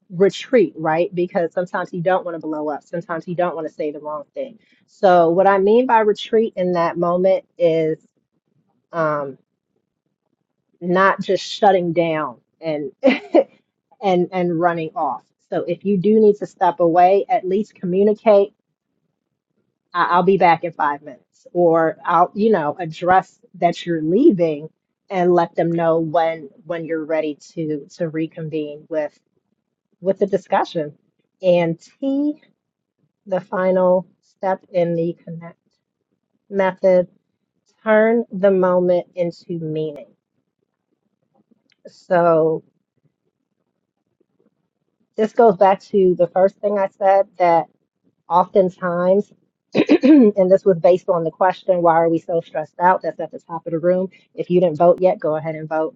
Speaker 2: retreat, right? Because sometimes you don't want to blow up. Sometimes you don't want to say the wrong thing. So, what I mean by retreat in that moment is um, not just shutting down and and and running off. So, if you do need to step away, at least communicate. I- I'll be back in five minutes, or I'll you know address that you're leaving and let them know when when you're ready to to reconvene with with the discussion. And T the final step in the connect method turn the moment into meaning so this goes back to the first thing i said that oftentimes and this was based on the question why are we so stressed out that's at the top of the room if you didn't vote yet go ahead and vote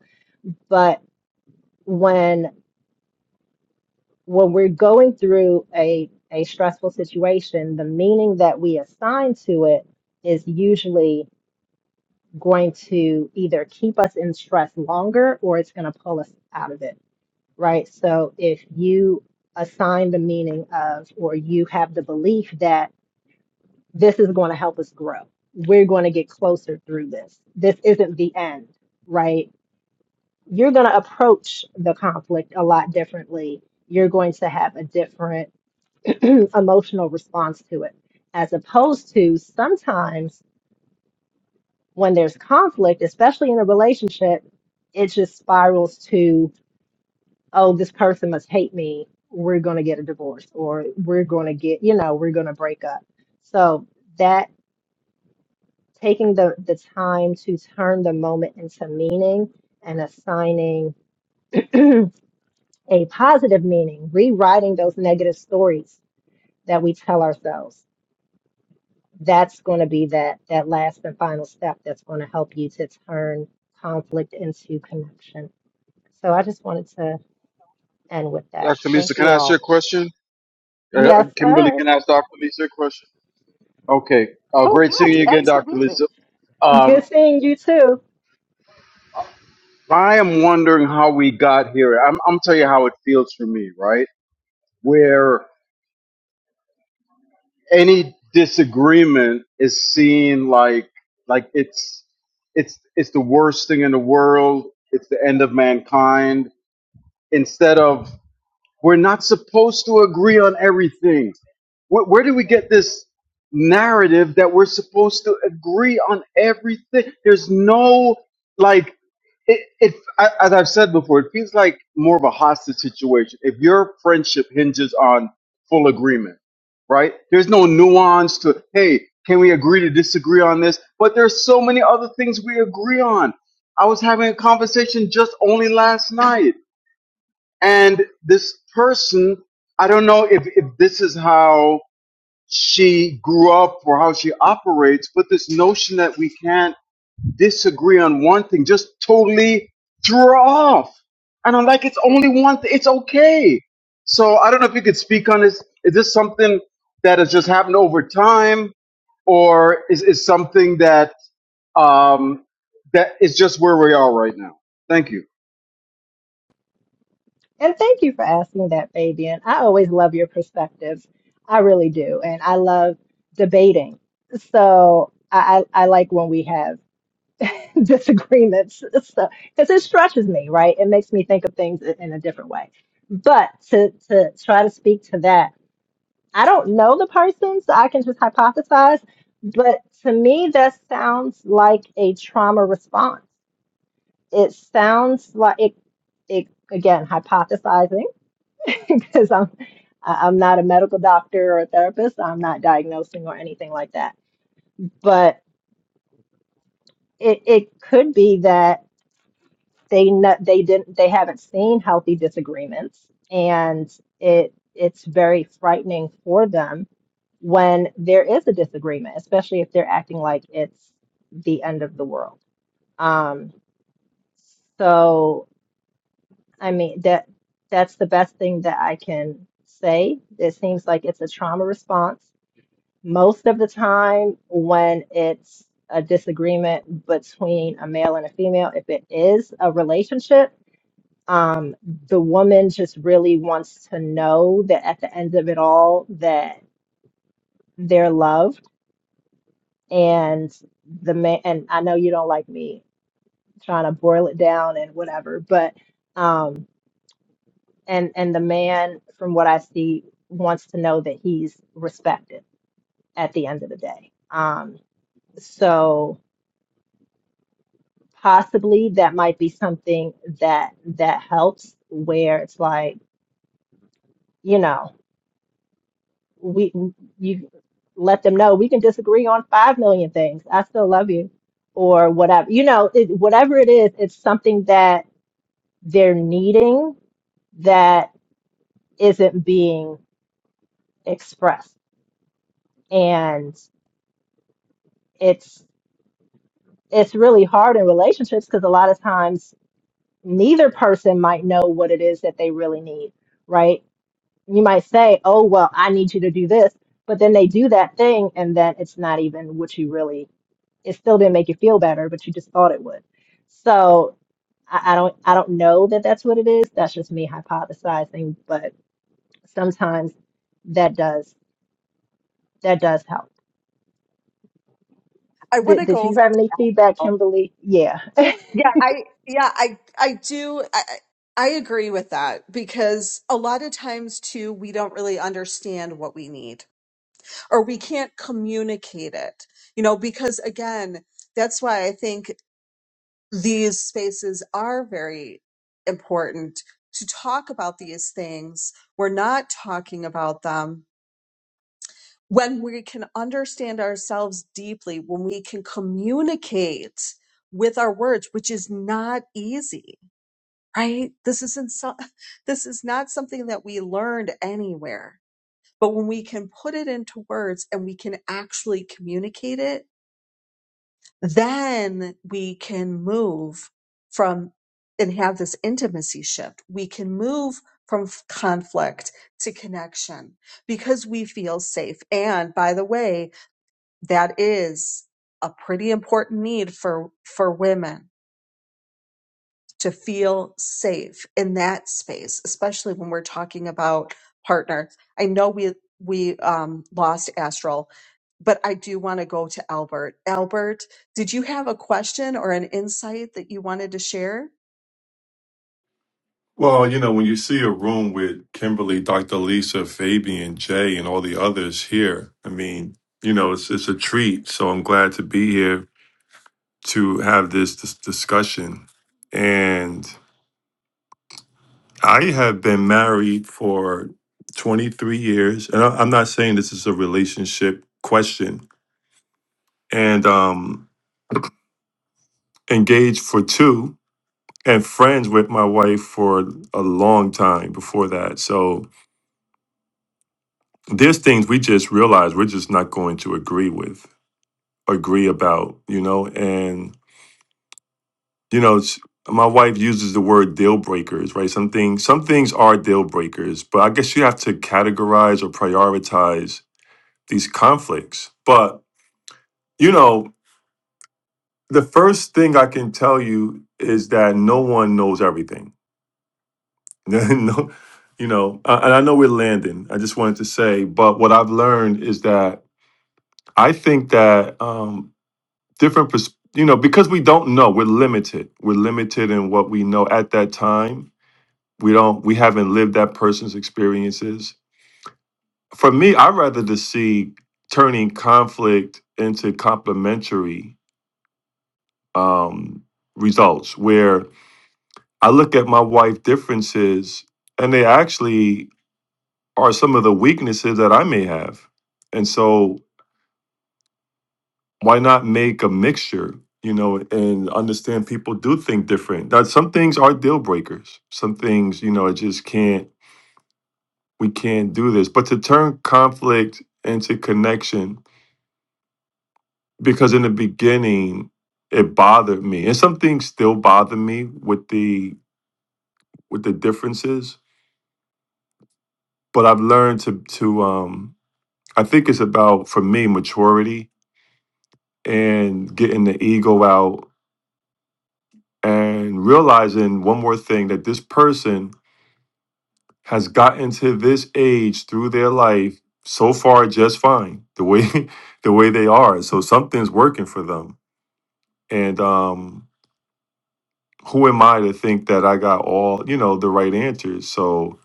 Speaker 2: but when when we're going through a a stressful situation the meaning that we assign to it is usually going to either keep us in stress longer or it's going to pull us out of it, right? So if you assign the meaning of, or you have the belief that this is going to help us grow, we're going to get closer through this, this isn't the end, right? You're going to approach the conflict a lot differently. You're going to have a different emotional response to it, as opposed to sometimes when there's conflict, especially in a relationship, it just spirals to, oh, this person must hate me. We're going to get a divorce or we're going to get, you know, we're going to break up. So that taking the, the time to turn the moment into meaning and assigning a positive meaning, rewriting those negative stories that we tell ourselves. That's going to be that that last and final step that's going to help you to turn conflict into connection. So I just wanted to end with that.
Speaker 3: Dr. Lisa,
Speaker 2: Thank
Speaker 3: can
Speaker 2: you
Speaker 3: I ask you a
Speaker 2: all.
Speaker 3: question? Uh,
Speaker 2: Yes,
Speaker 3: Kimberly,
Speaker 2: sir.
Speaker 3: can I ask Dr. Lisa a question? Okay. Uh,
Speaker 1: Oh
Speaker 3: great seeing
Speaker 1: gosh,
Speaker 3: you again, Dr.
Speaker 1: absolutely.
Speaker 3: Lisa. Um,
Speaker 2: Good seeing you too.
Speaker 3: I am wondering how we got here. I'm, I'm tell you how it feels for me, right? Where any disagreement is seen like like it's it's it's the worst thing in the world. It's the end of mankind. Instead of we're not supposed to agree on everything. Where, where do we get this narrative that we're supposed to agree on everything? There's no like it, it I- as I've said before, it feels like more of a hostage situation. If your friendship hinges on full agreement, right? There's no nuance to hey, can we agree to disagree on this? But there's so many other things we agree on. I was having a conversation just only last night, and this person, I don't know if, if this is how she grew up or how she operates, but this notion that we can't disagree on one thing, just totally threw her off. And I'm like, it's only one thing. It's okay. So I don't know if you could speak on this. Is this something that has just happened over time, or is is something that um, that is just where we are right now? Thank you.
Speaker 2: And thank you for asking that, Fabian. I always love your perspectives. I really do. And I love debating. So I, I, I like when we have disagreements. So because it stretches me, right? It makes me think of things in in a different way. But to to try to speak to that I don't know the person, so I can just hypothesize. But to me, that sounds like a trauma response. It sounds like it, it again, hypothesizing, because I'm, I- I'm not a medical doctor or a therapist. I'm not diagnosing or anything like that. But it, it could be that they no, they didn't they haven't seen healthy disagreements, and it it's very frightening for them when there is a disagreement, especially if they're acting like it's the end of the world. Um, so I mean that that's the best thing that I can say. It seems like it's a trauma response. Most of the time when it's a disagreement between a male and a female, if it is a relationship, um, the woman just really wants to know that at the end of it all that they're loved and the man and I know you don't like me trying to boil it down and whatever, but um and and the man from what I see wants to know that he's respected at the end of the day. Um so possibly that might be something that that helps where it's like, you know, we you let them know we can disagree on 5 million things. I still love you or whatever. You know, it, whatever it is, it's something that they're needing that isn't being expressed and it's it's really hard in relationships because a lot of times neither person might know what it is that they really need right you might say oh well i need you to do this but then they do that thing and then it's not even what you really it still didn't make you feel better but you just thought it would so i, I don't i don't know that that's what it is that's just me hypothesizing but sometimes that does That does help.
Speaker 1: I want
Speaker 2: Did,
Speaker 1: to
Speaker 2: did
Speaker 1: go
Speaker 2: you
Speaker 1: over.
Speaker 2: have any feedback,
Speaker 1: Oh,
Speaker 2: Kimberly? Yeah.
Speaker 1: yeah, I yeah, I I do. I, I I agree with that because a lot of times too, we don't really understand what we need or we can't communicate it, you know, because again, that's why I think these spaces are very important to talk about these things. We're not talking about them when we can understand ourselves deeply, when we can communicate with our words, which is not easy, right? This isn't so, this is not something that we learned anywhere. But when we can put it into words and we can actually communicate it, then we can move from and have this intimacy shift. We can move from f- conflict to connection because we feel safe. And by the way, that is a pretty important need for, for women to feel safe in that space, especially when we're talking about partners. I know we we um, lost Astral, but I do want to go to Albert. Albert, did you have a question or an insight that you wanted to share?
Speaker 4: Well, you know, when you see a room with Kimberly, Dr. Lisa, Fabian, Jay, and all the others here, I mean, you know, it's it's a treat. So I'm glad to be here to have this, dis discussion. And I have been married for 23 years, and I, I'm not saying this is a relationship question. And um, engaged for two, and friends with my wife for a long time before that. So there's things we just realize we're just not going to agree with, agree about, you know. And you know, it's, my wife uses the word deal breakers, right? Some things, some things are deal breakers, but I guess you have to categorize or prioritize these conflicts. But you know, the first thing I can tell you is that no one knows everything. no, you know, uh, and I know we're landing. I just wanted to say, but what I've learned is that I think that. um different pers- you know because we don't know we're limited we're limited in what we know at that time we don't we haven't lived that person's experiences for me i'd rather to see turning conflict into complementary um, results where i look at my wife differences and they actually are some of the weaknesses that i may have and so why not make a mixture you know and understand people do think different that some things are deal breakers some things you know it just can't we can't do this but to turn conflict into connection because in the beginning it bothered me and some things still bother me with the with the differences but i've learned to to um i think it's about for me maturity and getting the ego out and realizing one more thing that this person has gotten to this age through their life so far just fine the way the way they are so something's working for them and um who am i to think that i got all you know the right answers so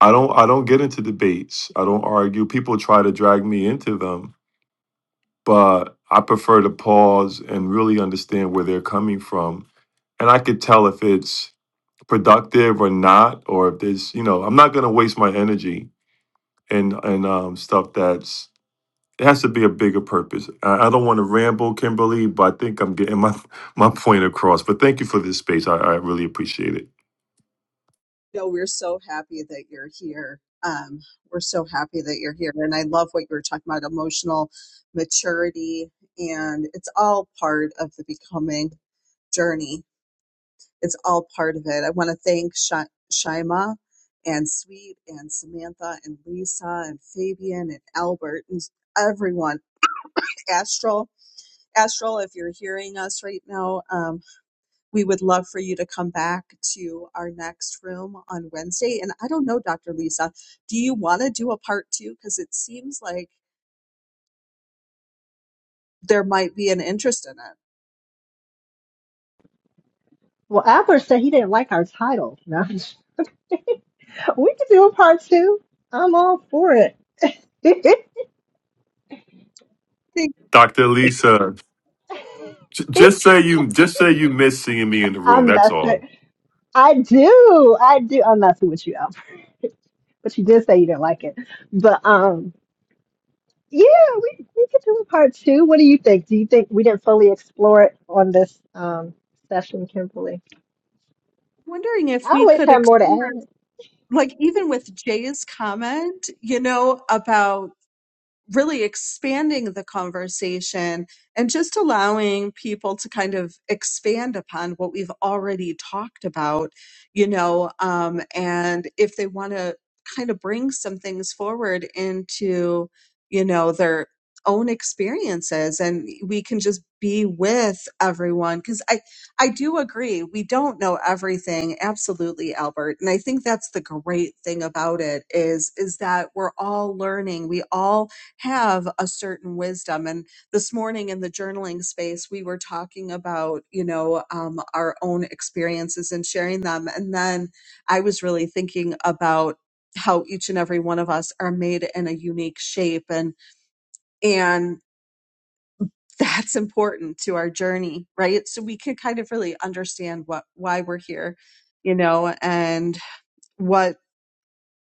Speaker 4: i don't i don't get into debates i don't argue people try to drag me into them but i prefer to pause and really understand where they're coming from and i could tell if it's productive or not or if there's you know i'm not going to waste my energy and and um, stuff that's There has to be a bigger purpose. I, I don't want to ramble, Kimberly, but I think I'm getting my my point across. But thank you for this space. I, I really appreciate it.
Speaker 1: No, we're so happy that you're here. Um, we're so happy that you're here. And I love what you were talking about emotional maturity. And it's all part of the becoming journey. it's all part of it. I want to thank Shi Shima and Sweet and Samantha and Lisa and Fabian and Albert and everyone. Astral, Astral, if you're hearing us right now, um, we would love for you to come back to our next room on Wednesday. And I don't know, Dr. Lisa, do you want to do a part two? Because it seems like there might be an interest in it.
Speaker 2: Well, Albert said he didn't like our title. No, I'm just- we could do a part two. I'm all for it.
Speaker 1: Think,
Speaker 4: Dr. Lisa, j- just say you just say you miss seeing me in the room.
Speaker 2: I'm
Speaker 4: That's
Speaker 2: messing.
Speaker 4: all.
Speaker 2: I do. I do. I'm messing with you, Albert. But you did say you didn't like it. But um, yeah, we we could do a part two. What do you think? Do you think we didn't fully explore it on this um session, Kimberly?
Speaker 1: wondering if
Speaker 2: I
Speaker 1: we
Speaker 2: always
Speaker 1: could
Speaker 2: have more to
Speaker 1: explore,
Speaker 2: add.
Speaker 1: like even with Jay's comment, you know, about really expanding the conversation and just allowing people to kind of expand upon what we've already talked about, you know, um, and if they want to kind of bring some things forward into, you know, their own experiences and we can just be with everyone because i i do agree we don't know everything absolutely albert and i think that's the great thing about it is is that we're all learning we all have a certain wisdom. And this morning in the journaling space, we were talking about, you know, um, our own experiences and sharing them. And then I was really thinking about how each and every one of us are made in a unique shape and and that's important to our journey right so we can kind of really understand what why we're here you know and what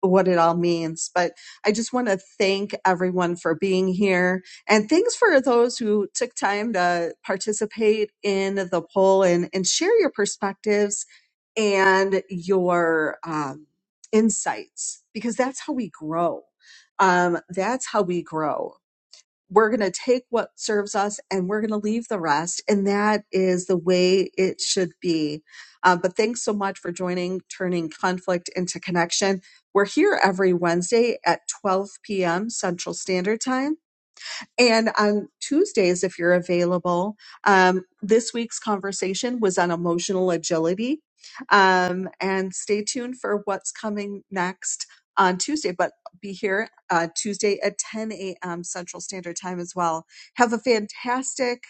Speaker 1: what it all means. But I just want to thank everyone for being here. And thanks for those who took time to participate in the poll and, and share your perspectives and your um, insights, because that's how we grow. Um, that's how we grow we're going to take what serves us and we're going to leave the rest. And that is the way it should be. Uh, but thanks so much for joining Turning Conflict into Connection. We're here every Wednesday at 12 p.m. Central Standard Time. And on Tuesdays, if you're available, um, this week's conversation was on emotional agility. Um, and stay tuned for what's coming next on Tuesday, but be here uh, Tuesday at 10 a.m. Central Standard Time as well. Have a fantastic,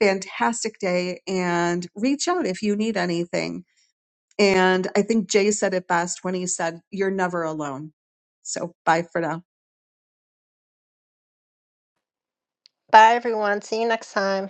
Speaker 1: fantastic day and reach out if you need anything. And I think Jay said it best when he said, You're never alone. So bye for now.
Speaker 2: Bye, everyone. See you next time.